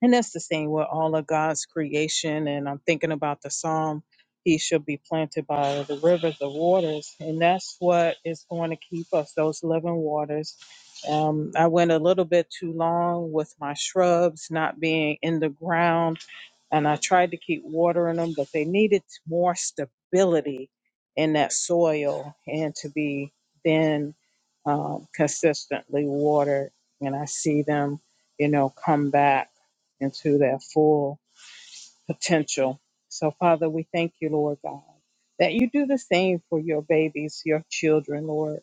Speaker 4: And that's the same with all of God's creation. And I'm thinking about the psalm, He shall be planted by the rivers of waters. And that's what is going to keep us, those living waters. Um, I went a little bit too long with my shrubs not being in the ground. And I tried to keep watering them, but they needed more stability in that soil and to be then um, consistently watered. And I see them, you know, come back into their full potential. So, Father, we thank you, Lord God, that you do the same for your babies, your children, Lord.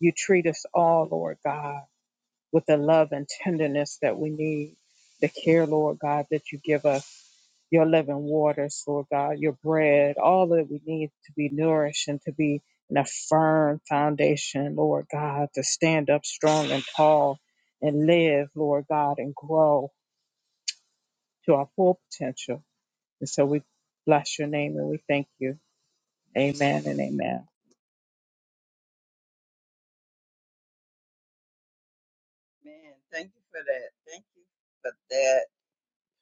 Speaker 4: You treat us all, Lord God, with the love and tenderness that we need, the care, Lord God, that you give us, your living waters, Lord God, your bread, all that we need to be nourished and to be in a firm foundation, Lord God, to stand up strong and tall and live, Lord God, and grow to our full potential. And so we bless your name and we thank you. Amen and amen.
Speaker 1: Man, thank you for that. Thank you for that.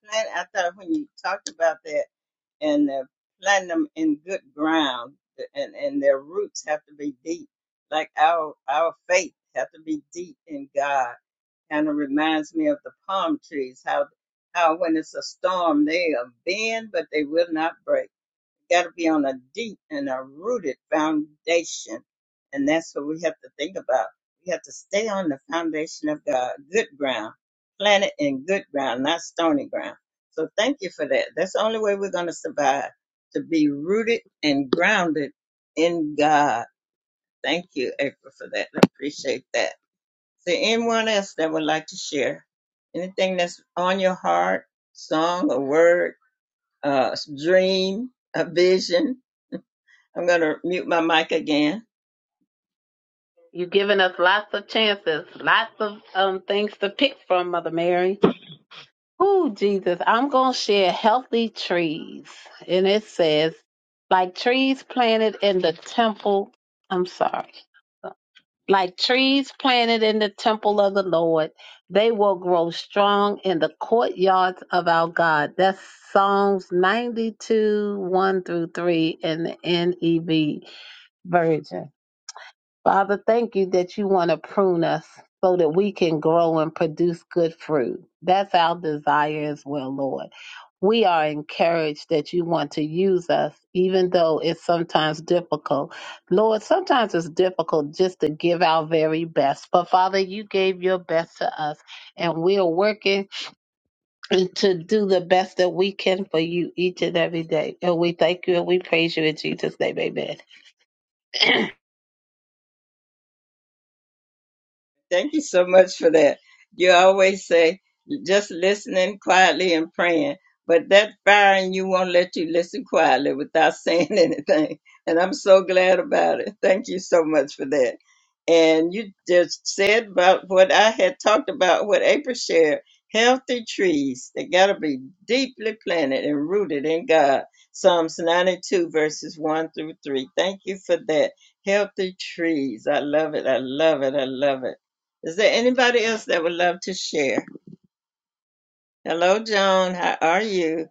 Speaker 1: Plan, I thought when you talked about that and uh, planting them in good ground, th- and and their roots have to be deep. Like our our faith have to be deep in God. Kind of reminds me of the palm trees. How how when it's a storm they are bend but they will not break got to be on a deep and a rooted foundation. And that's what we have to think about. We have to stay on the foundation of God, good ground, planted in good ground, not stony ground. So thank you for that. That's the only way we're going to survive, to be rooted and grounded in God. Thank you, April, for that. I appreciate that. Is there anyone else that would like to share anything that's on your heart, song, a word, a dream, a vision? I'm going to mute my mic again.
Speaker 5: You've given us lots of chances, lots of um things to pick from, Mother Mary. Oh, Jesus, I'm going to share healthy trees. And it says, like trees planted in the temple. I'm sorry. Like trees planted in the temple of the Lord, they will grow strong in the courtyards of our God. That's Psalms 92, 1 through 3 in the NEV version. Father, thank you that you want to prune us so that we can grow and produce good fruit. That's our desire as well, Lord. We are encouraged that you want to use us, even though it's sometimes difficult. Lord, sometimes it's difficult just to give our very best. But Father, you gave your best to us, and we are working to do the best that we can for you each and every day. And we thank you and we praise you in Jesus' name. Amen.
Speaker 1: Thank you so much for that. You always say just listening quietly and praying, but that fire in you won't let you listen quietly without saying anything. And I'm so glad about it. Thank you so much for that. And you just said about what I had talked about, what April shared healthy trees. They got to be deeply planted and rooted in God. Psalms 92, verses 1 through 3. Thank you for that. Healthy trees. I love it. I love it. I love it is there anybody else that would love to share? Hello, Joan. How are you,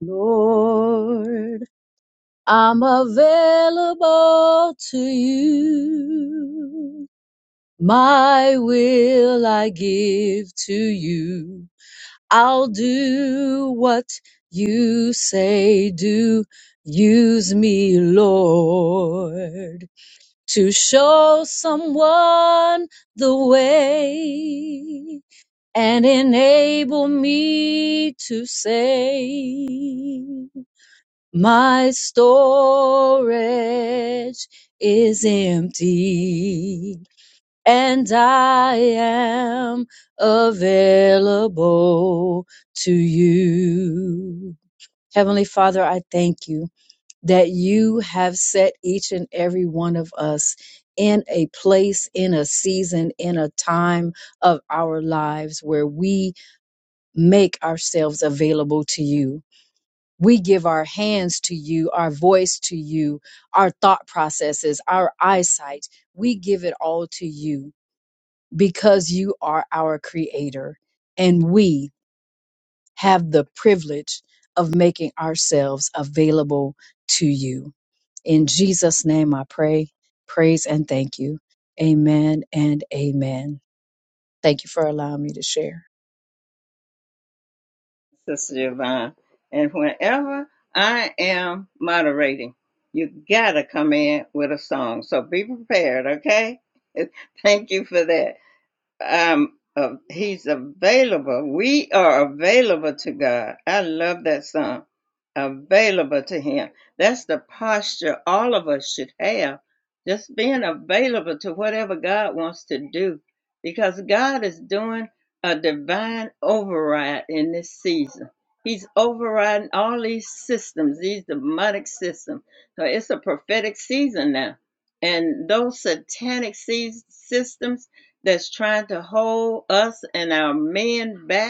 Speaker 6: Lord, I'm available to you. My will I give to you. I'll do what you say do. Use me, Lord, to show someone the way and enable me to say my storage is empty and I am available to you. Heavenly Father, I thank you that you have set each and every one of us in a place, in a season, in a time of our lives where we make ourselves available to you we give our hands to you, our voice to you, our thought processes, our eyesight. We give it all to you because you are our creator and we have the privilege of making ourselves available to you. In Jesus' name, I pray, praise, and thank you. Amen and amen. Thank you for allowing me to share.
Speaker 1: Sister Yvonne? And whenever I am moderating, you gotta come in with a song. So be prepared, okay? Thank you for that. um, uh, he's available. We are available to God. I love that song. Available to Him. That's the posture all of us should have. Just being available to whatever God wants to do, because God is doing a divine override in this season. He's overriding all these systems, these demonic systems. So it's a prophetic season now. And those satanic seas- systems that's trying to hold us and our men back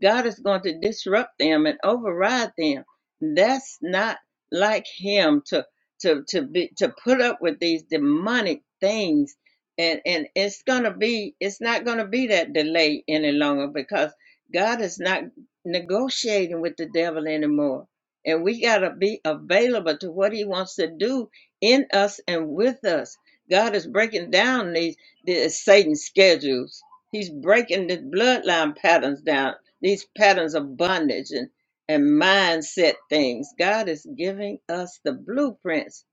Speaker 1: God is going to disrupt them and override them. That's not like him to to to be to put up with these demonic things. And and it's gonna be it's not gonna be that delay any longer because God is not negotiating with the devil anymore. And we gotta be available to what he wants to do in us and with us. God is breaking down these, these Satan's schedules. He's breaking the bloodline patterns down these patterns of bondage and, and mindset things. God is giving us the blueprints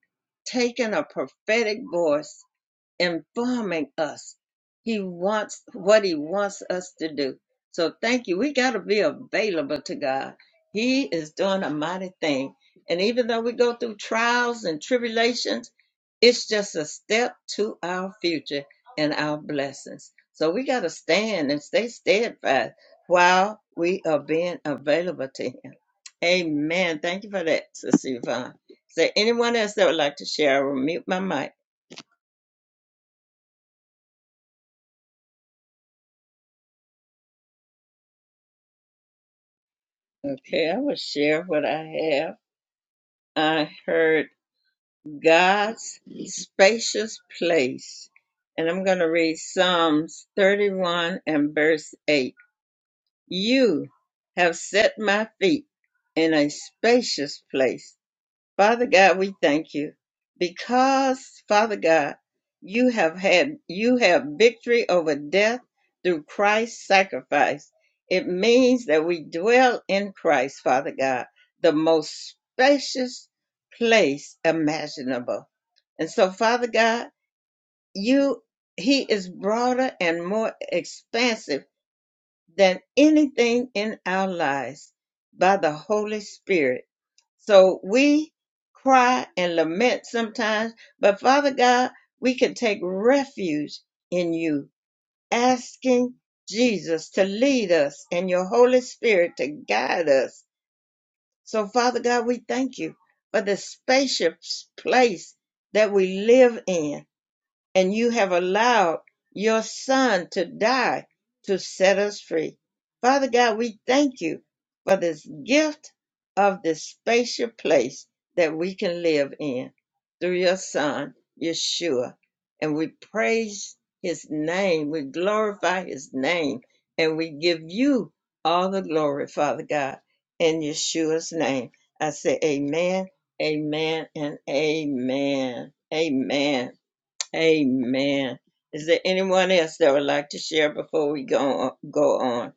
Speaker 1: taking a prophetic voice, informing us he wants what he wants us to do. So thank you. We got to be available to God. He is doing a mighty thing. And even though we go through trials and tribulations, it's just a step to our future and our blessings. So we got to stand and stay steadfast while we are being available to Him. Amen. Thank you for that, Sister Yvonne. Is there anyone else that would like to share? I will mute my mic. Okay, I will share what I have. I heard God's spacious place. And I'm going to read Psalms 31 and verse 8. You have set my feet in a spacious place Father God, we thank you because, Father God, you have had, you have victory over death through Christ's sacrifice. It means that we dwell in Christ, Father God, the most spacious place imaginable. And so, Father God, you, He is broader and more expansive than anything in our lives by the Holy Spirit so we cry and lament sometimes, but Father God, we can take refuge in you, asking Jesus to lead us and your Holy Spirit to guide us. So, Father God, we thank you for the spacious place that we live in and you have allowed your son to die to set us free. Father God, we thank you for this gift of this spatial place that we can live in through your son, Yeshua. And we praise his name, we glorify his name, and we give you all the glory, Father God, in Yeshua's name. I say, Amen, amen, and amen. Amen. Amen. Is there anyone else that would like to share before we go go on?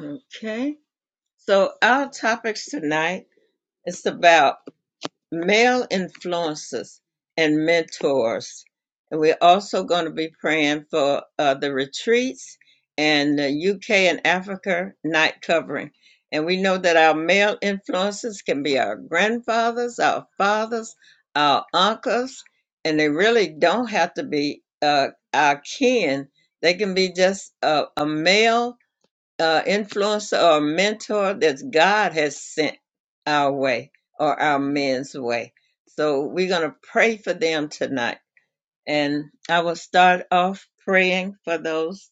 Speaker 1: Okay. So our topics tonight is about male influences and mentors. And we're also going to be praying for uh, the retreats and the UK and Africa night covering. And we know that our male influences can be our grandfathers, our fathers, our uncles, and they really don't have to be uh, our kin. They can be just a, a male uh, influencer or mentor that God has sent our way or our men's way. So we're going to pray for them tonight. And I will start off praying for those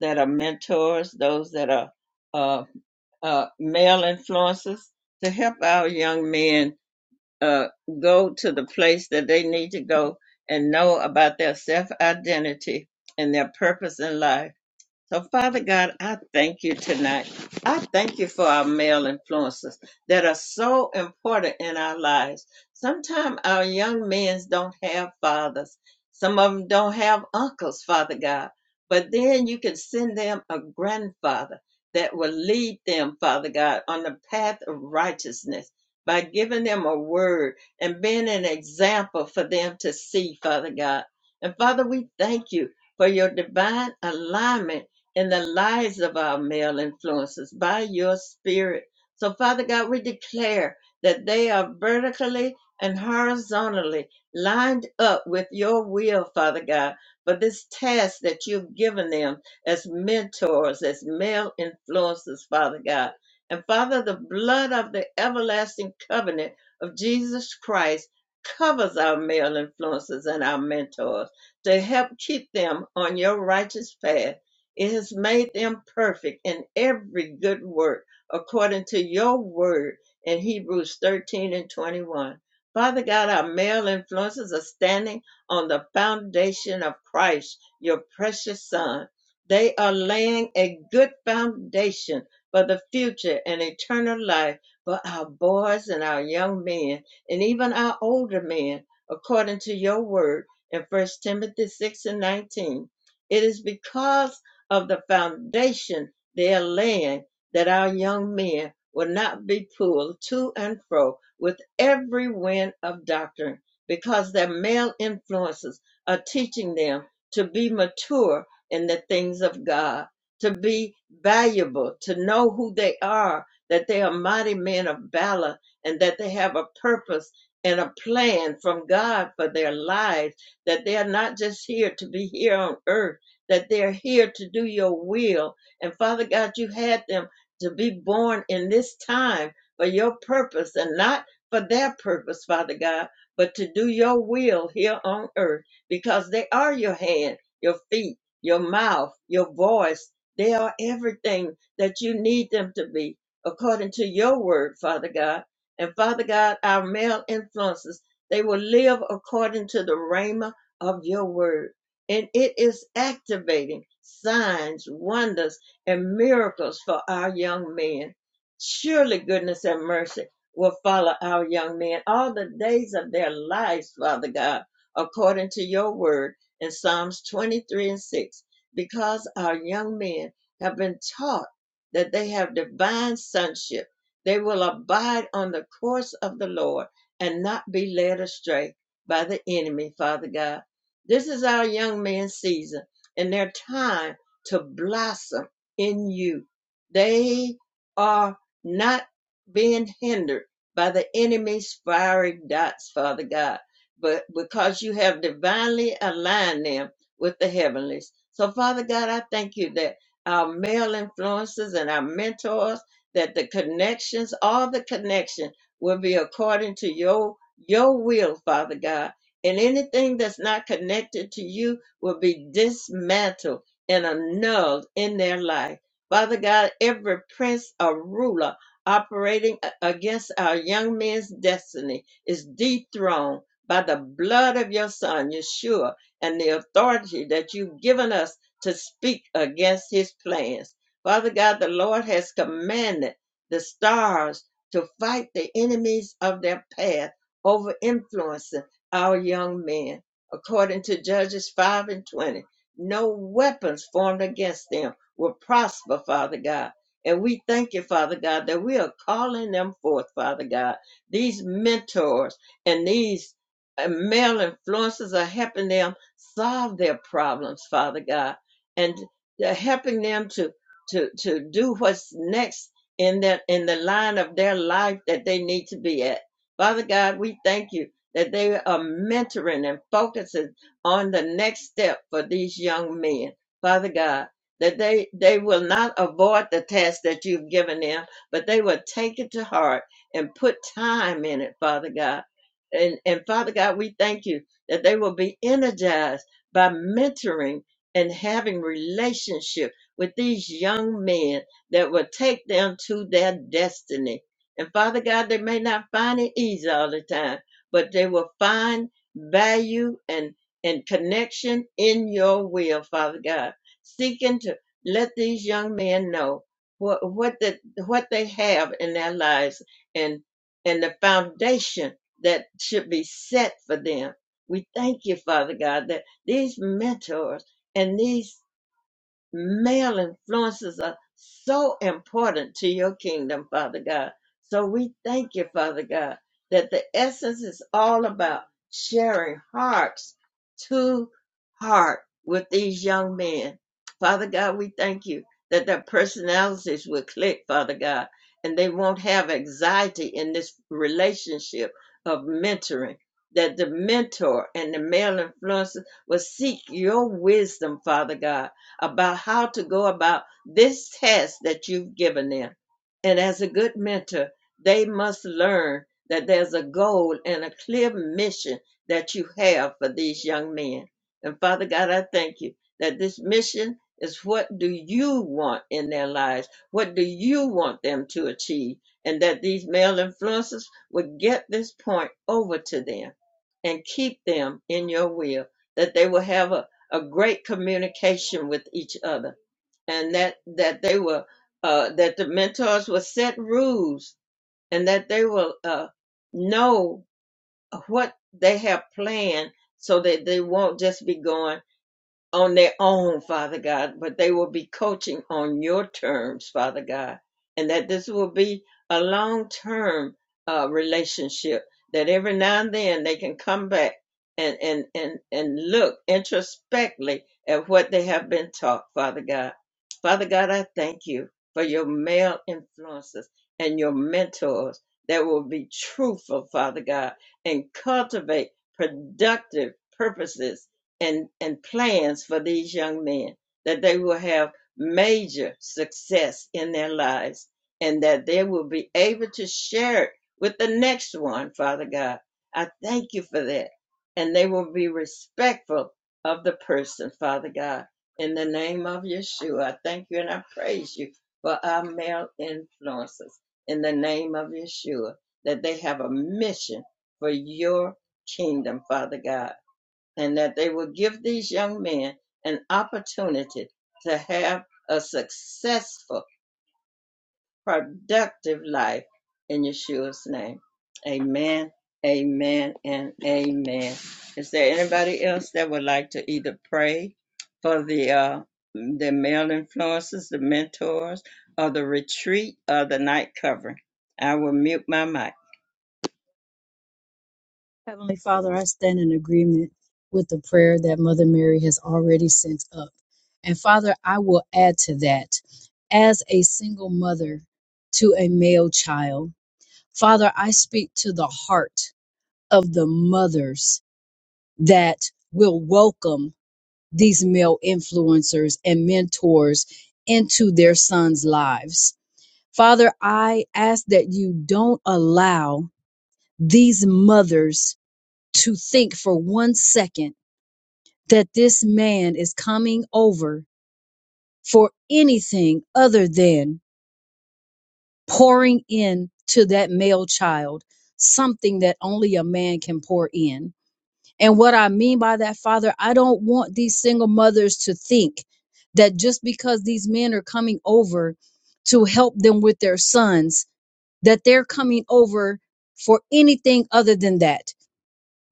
Speaker 1: that are mentors, those that are uh, uh, male influencers to help our young men uh, go to the place that they need to go and know about their self identity and their purpose in life so, Father God, I thank you tonight. I thank you for our male influences that are so important in our lives. Sometimes our young men don't have fathers, some of them don't have uncles, Father God. But then you can send them a grandfather that will lead them, Father God, on the path of righteousness by giving them a word and being an example for them to see, Father God. And Father, we thank you for your divine alignment in the lives of our male influences by your spirit. So, Father God, we declare that they are vertically and horizontally lined up with your will, Father God, for this task that you've given them as mentors, as male influences, Father God. And Father, the blood of the everlasting covenant of Jesus Christ covers our male influences and our mentors to help keep them on your righteous path it has made them perfect in every good work according to your word in Hebrews 13 and 21. Father God, our male influences are standing on the foundation of Christ, your precious son. They are laying a good foundation for the future and eternal life for our boys and our young men and even our older men according to your word in First Timothy 6 and 19. It is because of the foundation they're laying that our young men will not be pulled to and fro with every wind of doctrine because their male influences are teaching them to be mature in the things of God, to be valuable, to know who they are, that they are mighty men of valor and that they have a purpose and a plan from God for their lives, that they are not just here to be here on earth that they're here to do your will. And Father God, you had them to be born in this time for your purpose and not for their purpose, Father God, but to do your will here on earth because they are your hand, your feet, your mouth, your voice. They are everything that you need them to be according to your word, Father God. And Father God, our male influences, they will live according to the rhema of your word and it is activating signs, wonders, and miracles for our young men. Surely goodness and mercy will follow our young men all the days of their lives, Father God, according to your word in Psalms 23 and 6, because our young men have been taught that they have divine sonship. They will abide on the course of the Lord and not be led astray by the enemy, Father God. This is our young man's season and their time to blossom in you. They are not being hindered by the enemy's fiery dots, Father God, but because you have divinely aligned them with the heavenlies. So, Father God, I thank you that our male influences and our mentors, that the connections, all the connection will be according to your your will, Father God and anything that's not connected to you will be dismantled and annulled in their life. Father God, every prince or ruler operating a- against our young men's destiny is dethroned by the blood of your son, Yeshua, and the authority that you've given us to speak against his plans. Father God, the Lord has commanded the stars to fight the enemies of their path over influencing our young men. According to Judges 5 and 20, no weapons formed against them will prosper, Father God. And we thank you, Father God, that we are calling them forth, Father God. These mentors and these uh, male influences are helping them solve their problems, Father God, and they're helping them to to to do what's next in that in the line of their life that they need to be at. Father God, we thank you that they are mentoring and focusing on the next step for these young men. Father God, that they, they will not avoid the task that you've given them, but they will take it to heart and put time in it, Father God. And, and Father God, we thank you that they will be energized by mentoring and having relationship with these young men that will take them to their destiny. And Father God, they may not find it easy all the time, but they will find value and and connection in your will, Father God. Seeking to let these young men know what what the, what they have in their lives and and the foundation that should be set for them. We thank you, Father God, that these mentors and these male influences are so important to your kingdom, Father God. So we thank you, Father God, that the essence is all about sharing hearts to heart with these young men. Father God, we thank you that their personalities will click, Father God, and they won't have anxiety in this relationship of mentoring. That the mentor and the male influences will seek your wisdom, Father God about how to go about this test that you've given them. And as a good mentor, they must learn that there's a goal and a clear mission that you have for these young men. And Father God, I thank you that this mission is what do you want in their lives? What do you want them to achieve? And that these male influencers would get this point over to them and keep them in your will, that they will have a a great communication with each other and that that they were uh, that the mentors would set rules and that they will uh, know what they have planned so that they won't just be going on their own, Father God, but they will be coaching on your terms, Father God, and that this will be a long term uh, relationship. That every now and then they can come back and and and and look introspectively at what they have been taught, Father God. Father God, I thank you for your male influences and your mentors that will be truthful, Father God, and cultivate productive purposes and, and plans for these young men that they will have major success in their lives and that they will be able to share it with the next one, Father God. I thank you for that. And they will be respectful of the person, Father God. In the name of Yeshua, I thank you and I praise you for our male influences. In the name of Yeshua, that they have a mission for your kingdom, Father God and that they will give these young men an opportunity to have a successful, productive life in Yeshua's name. Amen, amen, and amen. Is there anybody else that would like to either pray for the uh, the male influences, the mentors, or the retreat or the night covering? I will mute my mic.
Speaker 6: Heavenly Father, I stand in agreement with the prayer that Mother Mary has already sent up. And Father, I will add to that as a single mother to a male child, Father, I speak to the heart of the mothers that will welcome these male influencers and mentors into their sons' lives. Father, I ask that you don't allow these mothers to think for one second that this man is coming over for anything other than pouring in to that male child something that only a man can pour in. And what I mean by that, Father, I don't want these single mothers to think that just because these men are coming over to help them with their sons, that they're coming over for anything other than that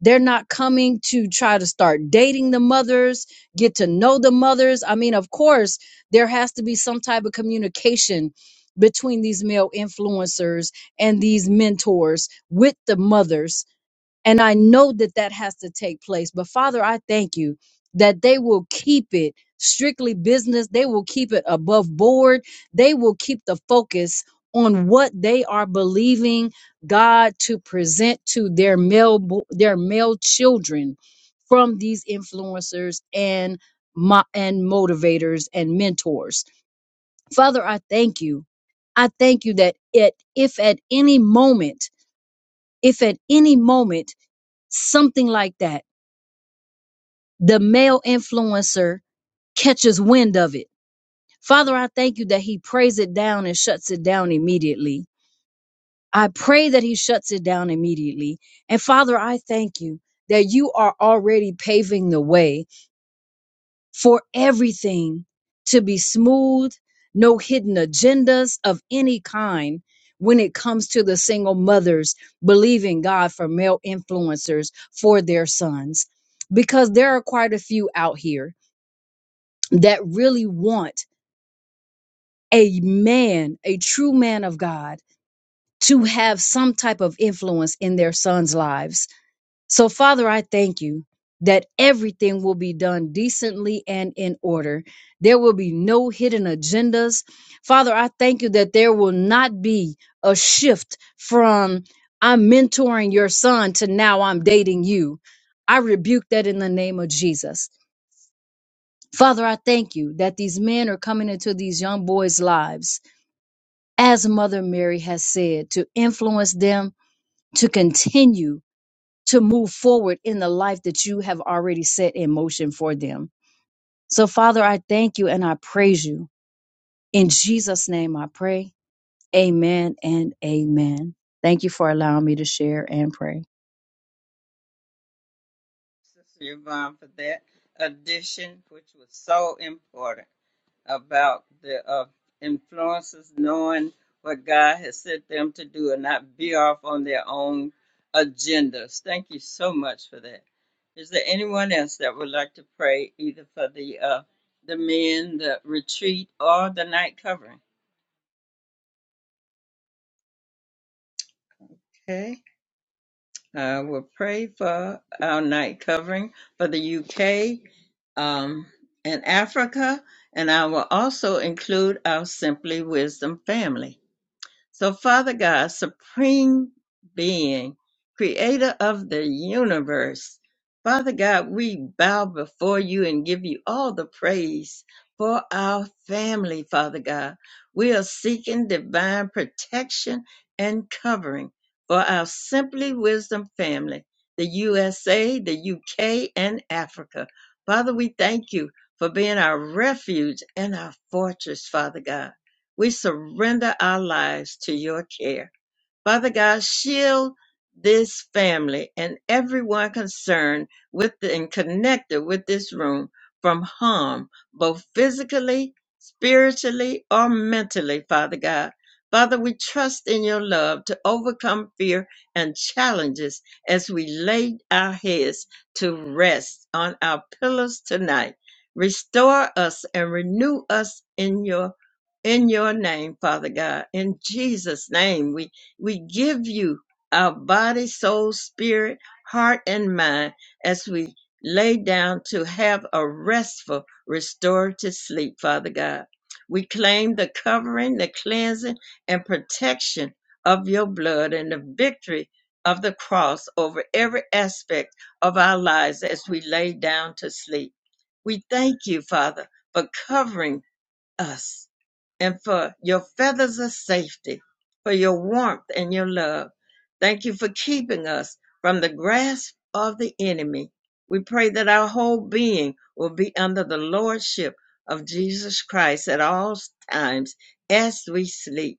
Speaker 6: They're not coming to try to start dating the mothers, get to know the mothers. I mean, of course, there has to be some type of communication between these male influencers and these mentors with the mothers and I know that that has to take place. But Father, I thank you that they will keep it strictly business. They will keep it above board. They will keep the focus on what they are believing God to present to their male bo- their male children from these influencers and mo- and motivators and mentors. Father, I thank you. I thank you that it, if at any moment, if at any moment something like that. The male influencer catches wind of it. Father, I thank you that he prays it down and shuts it down immediately. I pray that he shuts it down immediately. And Father, I thank you that you are already paving the way for everything to be smooth, no hidden agendas of any kind when it comes to the single mothers believing God for male influencers for their sons. Because there are quite a few out here that really want a man, a true man of God, to have some type of influence in their sons' lives So, Father, I thank you that everything will be done decently and in order. There will be no hidden agendas. Father, I thank you that there will not be a shift from I'm mentoring your son to now I'm dating you. I rebuke that in the name of Jesus. Father, I thank you that these men are coming into these young boys' lives, as Mother Mary has said, to influence them to continue to move forward in the life that you have already set in motion for them. So, Father, I thank you and I praise you. In Jesus' name I pray. Amen and amen. Thank you for allowing me to share and pray.
Speaker 1: Sister Yvonne for that addition, which was so important. about the uh, influences knowing what God has set them to do and not be off on their own agendas. Thank you so much for that. Is there anyone else that would like to pray either for the uh, the men, the retreat, or the night covering? Okay, I will pray for our night covering for the UK um, and Africa, and I will also include our Simply Wisdom family. So, Father God, Supreme Being, Creator of the universe, Father God, we bow before you and give you all the praise for our family, Father God. We are seeking divine protection and covering for our Simply Wisdom family, the USA, the UK, and Africa. Father, we thank you for being our refuge and our fortress, Father God. We surrender our lives to your care. Father God, shield this family and everyone concerned with the, and connected with this room from harm, both physically, spiritually, or mentally, Father God. Father, we trust in your love to overcome fear and challenges as we lay our heads to rest on our pillows tonight. Restore us and renew us in your in your name, Father God. In Jesus' name, we we give you our body, soul, spirit, heart, and mind as we lay down to have a restful, restorative sleep, Father God. We claim the covering, the cleansing, and protection of your blood and the victory of the cross over every aspect of our lives as we lay down to sleep. We thank you, Father, for covering us and for your feathers of safety, for your warmth and your love. Thank you for keeping us from the grasp of the enemy. We pray that our whole being will be under the lordship of Jesus Christ at all times as we sleep.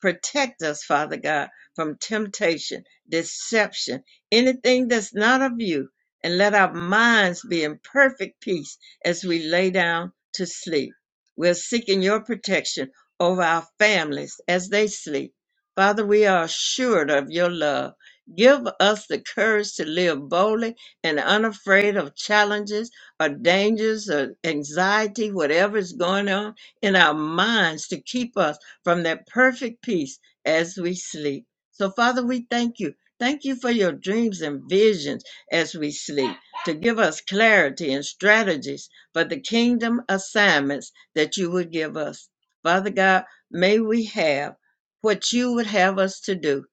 Speaker 1: Protect us, Father God, from temptation, deception, anything that's not of you, and let our minds be in perfect peace as we lay down to sleep. We're seeking your protection over our families as they sleep. Father, we are assured of your love. Give us the courage to live boldly and unafraid of challenges or dangers or anxiety, whatever is going on in our minds to keep us from that perfect peace as we sleep. So, Father, we thank you. Thank you for your dreams and visions as we sleep to give us clarity and strategies for the kingdom assignments that you would give us. Father God, may we have what you would have us to do.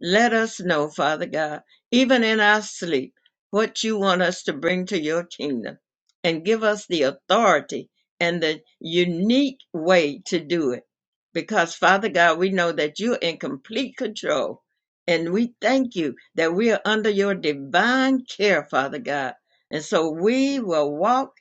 Speaker 1: Let us know, Father God, even in our sleep, what you want us to bring to your kingdom and give us the authority and the unique way to do it because Father God, we know that you're in complete control. And we thank you that we are under your divine care, Father God. And so we will walk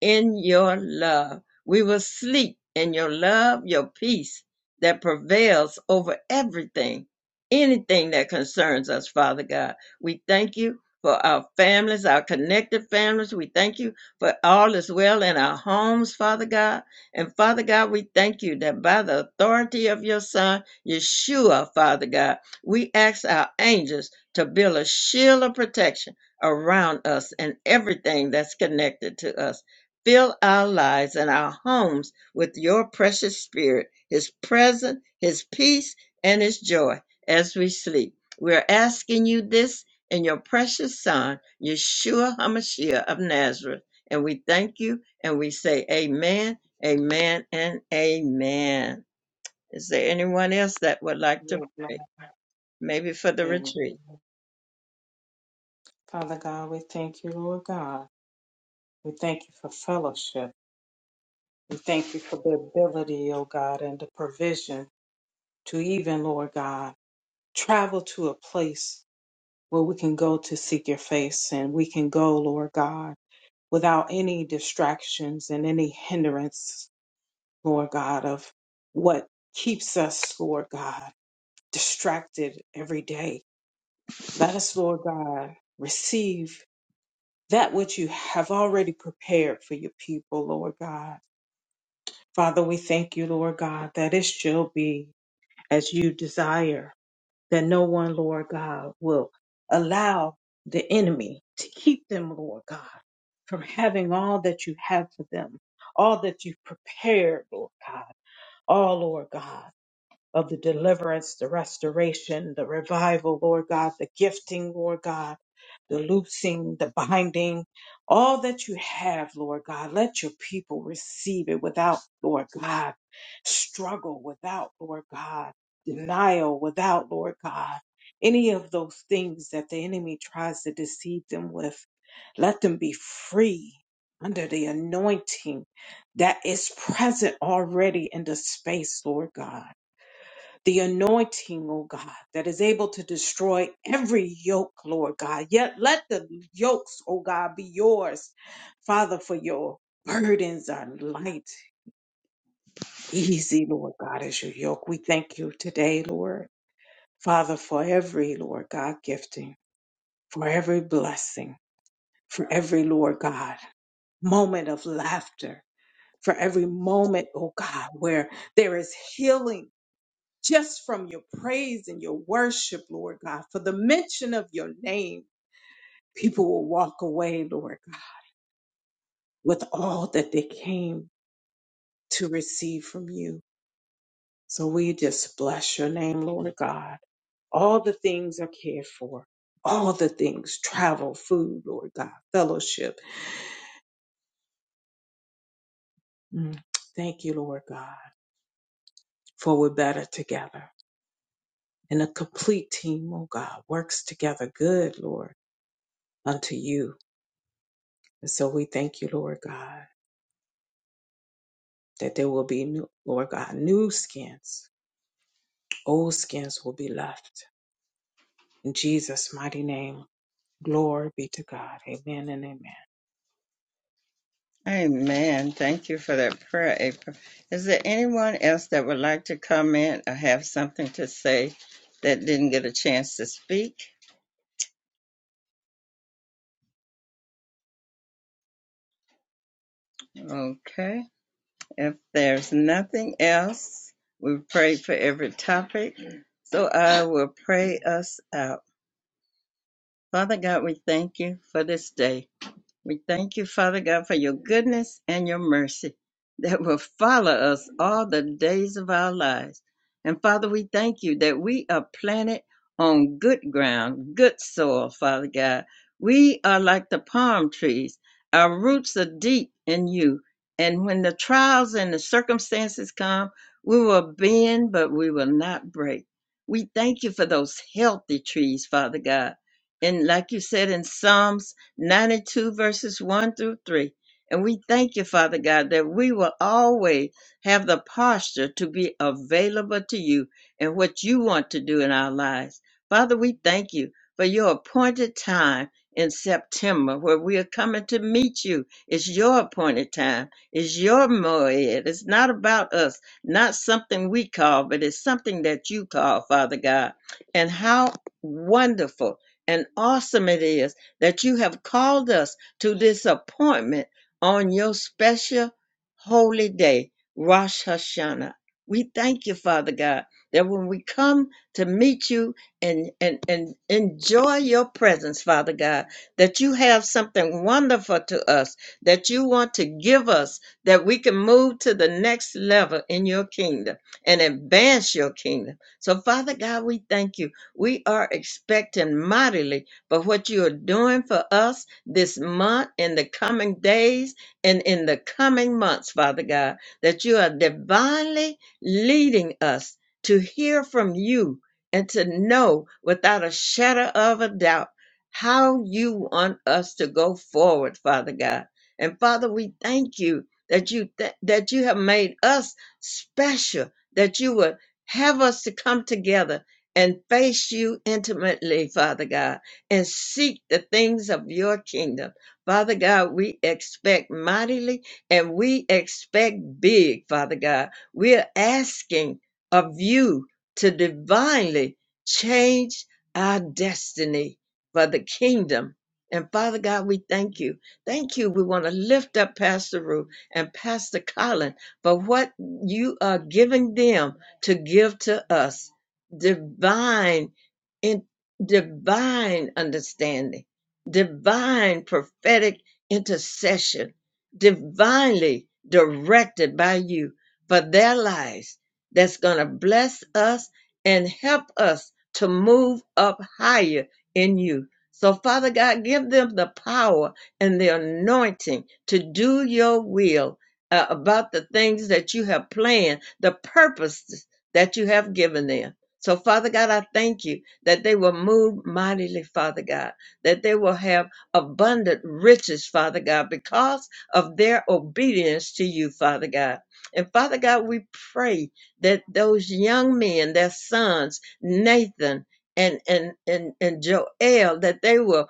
Speaker 1: in your love. We will sleep in your love, your peace that prevails over everything, anything that concerns us, Father God. We thank you for our families, our connected families. We thank you for all is well in our homes, Father God. And Father God, we thank you that by the authority of your Son, Yeshua, Father God, we ask our angels to build a shield of protection around us and everything that's connected to us. Fill our lives and our homes with your precious spirit, his presence, his peace, and his joy as we sleep. We're asking you this in your precious Son, Yeshua HaMashiach of Nazareth. And we thank you and we say, Amen Amen and amen. Is there anyone else that would like to
Speaker 4: Lord God.
Speaker 1: pray? Maybe for the
Speaker 4: Amen.
Speaker 1: retreat.
Speaker 4: Father God, we thank you, Lord God. We thank you for fellowship. We thank you for the ability, O God, and the provision to even, Lord God, travel to a place where we can go to seek your face and we can go, Lord God, without any distractions and any hindrance, Lord God, of what keeps us, Lord God, distracted every day Let us, Lord God, receive that which you have already prepared for your people, Lord God. Father, we thank you, Lord God, that it shall be as you desire, that no one, Lord God, will allow the enemy to keep them, Lord God, from having all that you have for them, all that you've prepared, Lord God, all, Lord God. Of the deliverance, the restoration, the revival, Lord God, the gifting, Lord God, the loosing, the binding, all that you have, Lord God. Let your people receive it without, Lord God, struggle, without, Lord God, denial, without, Lord God, any of those things that the enemy tries to deceive them with. Let them be free under the anointing that is present already in the space, Lord God the anointing, oh God, that is able to destroy every yoke, Lord God. Yet let the yokes, oh God, be yours, Father, for your burdens are light, easy, Lord God, is your yoke. We thank you today, Lord, Father, for every, Lord God, gifting, for every blessing, for every, Lord God, moment of laughter. For every moment, oh God, where there is healing just from your praise and your worship, Lord God, for the mention of your name, people will walk away, Lord God, with all that they came to receive from you. So we just bless your name, Lord God. All the things are cared for, all the things travel, food, Lord God, fellowship. Mm. Thank you, Lord God, for we're better together. And a complete team, oh God, works together good, Lord, unto you. And so we thank you, Lord God. that there will be new, Lord God, new skins. Old skins will be left. In Jesus' mighty name, glory be to God. Amen and amen.
Speaker 1: Amen. Thank you for that prayer, April. Is there anyone else that would like to comment or have something to say that didn't get a chance to speak? Okay. If there's nothing else, we've prayed for every topic. So I will pray us out. Father God, we thank you for this day. We thank you, Father God, for your goodness and your mercy that will follow us all the days of our lives. And Father, we thank you that we are planted on good ground, good soil, Father God. We are like the palm trees. Our roots are deep in you. And when the trials and the circumstances come, we will bend, but we will not break. We thank you for those healthy trees, Father God. And like you said in Psalms 92 verses 1 through 3. And we thank you, Father God, that we will always have the posture to be available to you and what you want to do in our lives. Father, we thank you for your appointed time in September where we are coming to meet you. It's your appointed time. It's your moed. It's not about us, not something we call, but it's something that you call, Father God. And how wonderful and awesome it is that you have called us to this appointment on your special holy day, Rosh Hashanah. We thank you, Father God, that when we come to meet you and, and, and enjoy your presence, Father God, that you have something wonderful to us that you want to give us that we can move to the next level in your kingdom and advance your kingdom. So, Father God, we thank you. We are expecting mightily but what you are doing for us this month, in the coming days, and in the coming months, Father God, that you are divinely leading us to hear from you and to know without a shadow of a doubt how you want us to go forward, Father God. And Father, we thank you that you th- that you have made us special, that you would have us to come together and face you intimately, Father God and seek the things of your kingdom. Father God, we expect mightily and we expect big, Father God. We're asking of you to divinely change our destiny for the kingdom. And Father God, we thank you. Thank you. We want to lift up Pastor Ruth and Pastor Colin for what you are giving them to give to us divine divine understanding, divine prophetic intercession, divinely directed by you for their lives that's going to bless us and help us to move up higher in you. So, Father God, give them the power and the anointing to do your will uh, about the things that you have planned, the purposes that you have given them. So, Father God, I thank you that they will move mightily, Father God, that they will have abundant riches, Father God, because of their obedience to you, Father God. And Father God, we pray that those young men, their sons, Nathan and and and, and Joel, that they will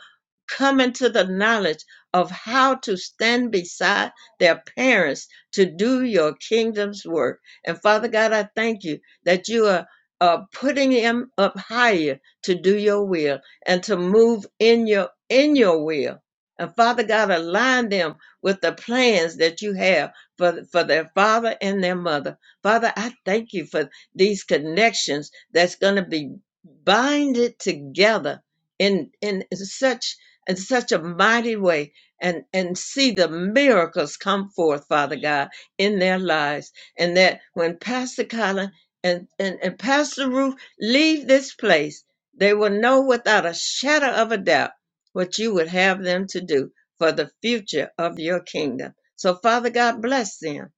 Speaker 1: come into the knowledge of how to stand beside their parents to do your kingdom's work. And Father God, I thank you that you are uh, putting him up higher to do your will and to move in your in your will. And Father God, align them with the plans that you have for, for their father and their mother. Father, I thank you for these connections that's going to be binded together in in such in such a mighty way and and see the miracles come forth, Father God, in their lives. And that when Pastor Collins and, and, and Pastor Ruth, leave this place. They will know without a shadow of a doubt what you would have them to do for the future of your kingdom. So, Father God, bless them.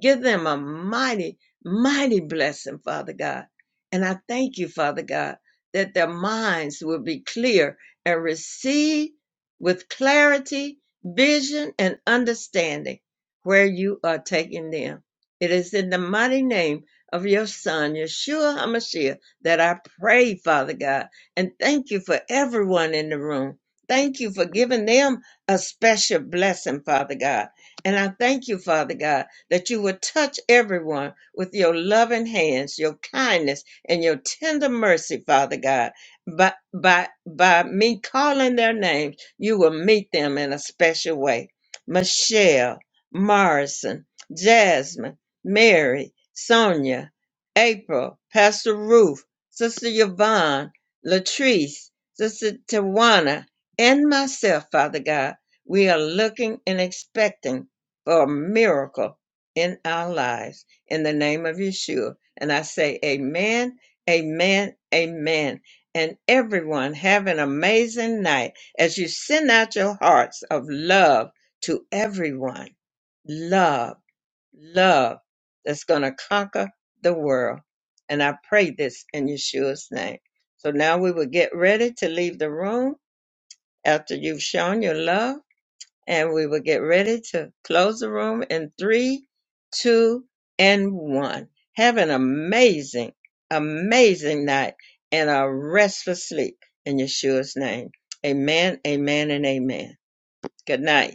Speaker 1: Give them a mighty, mighty blessing, Father God. And I thank you, Father God, that their minds will be clear and receive with clarity, vision, and understanding where you are taking them. It is in the mighty name of your son, Yeshua HaMashiach, that I pray, Father God. And thank you for everyone in the room. Thank you for giving them a special blessing, Father God. And I thank you, Father God, that you would touch everyone with your loving hands, your kindness, and your tender mercy, Father God. By, by, by me calling their names, you will meet them in a special way. Michelle, Morrison, Jasmine, Mary, Sonia, April, Pastor Ruth, Sister Yvonne, Latrice, Sister Tawana, and myself, Father God, we are looking and expecting for a miracle in our lives in the name of Yeshua. And I say, Amen, Amen, Amen. And everyone have an amazing night as you send out your hearts of love to everyone. Love love that's going to conquer the world. And I pray this in Yeshua's name. So now we will get ready to leave the room after you've shown your love, and we will get ready to close the room in three, two, and one. Have an amazing, amazing night and a restful sleep in Yeshua's name. Amen, amen, and amen. Good night.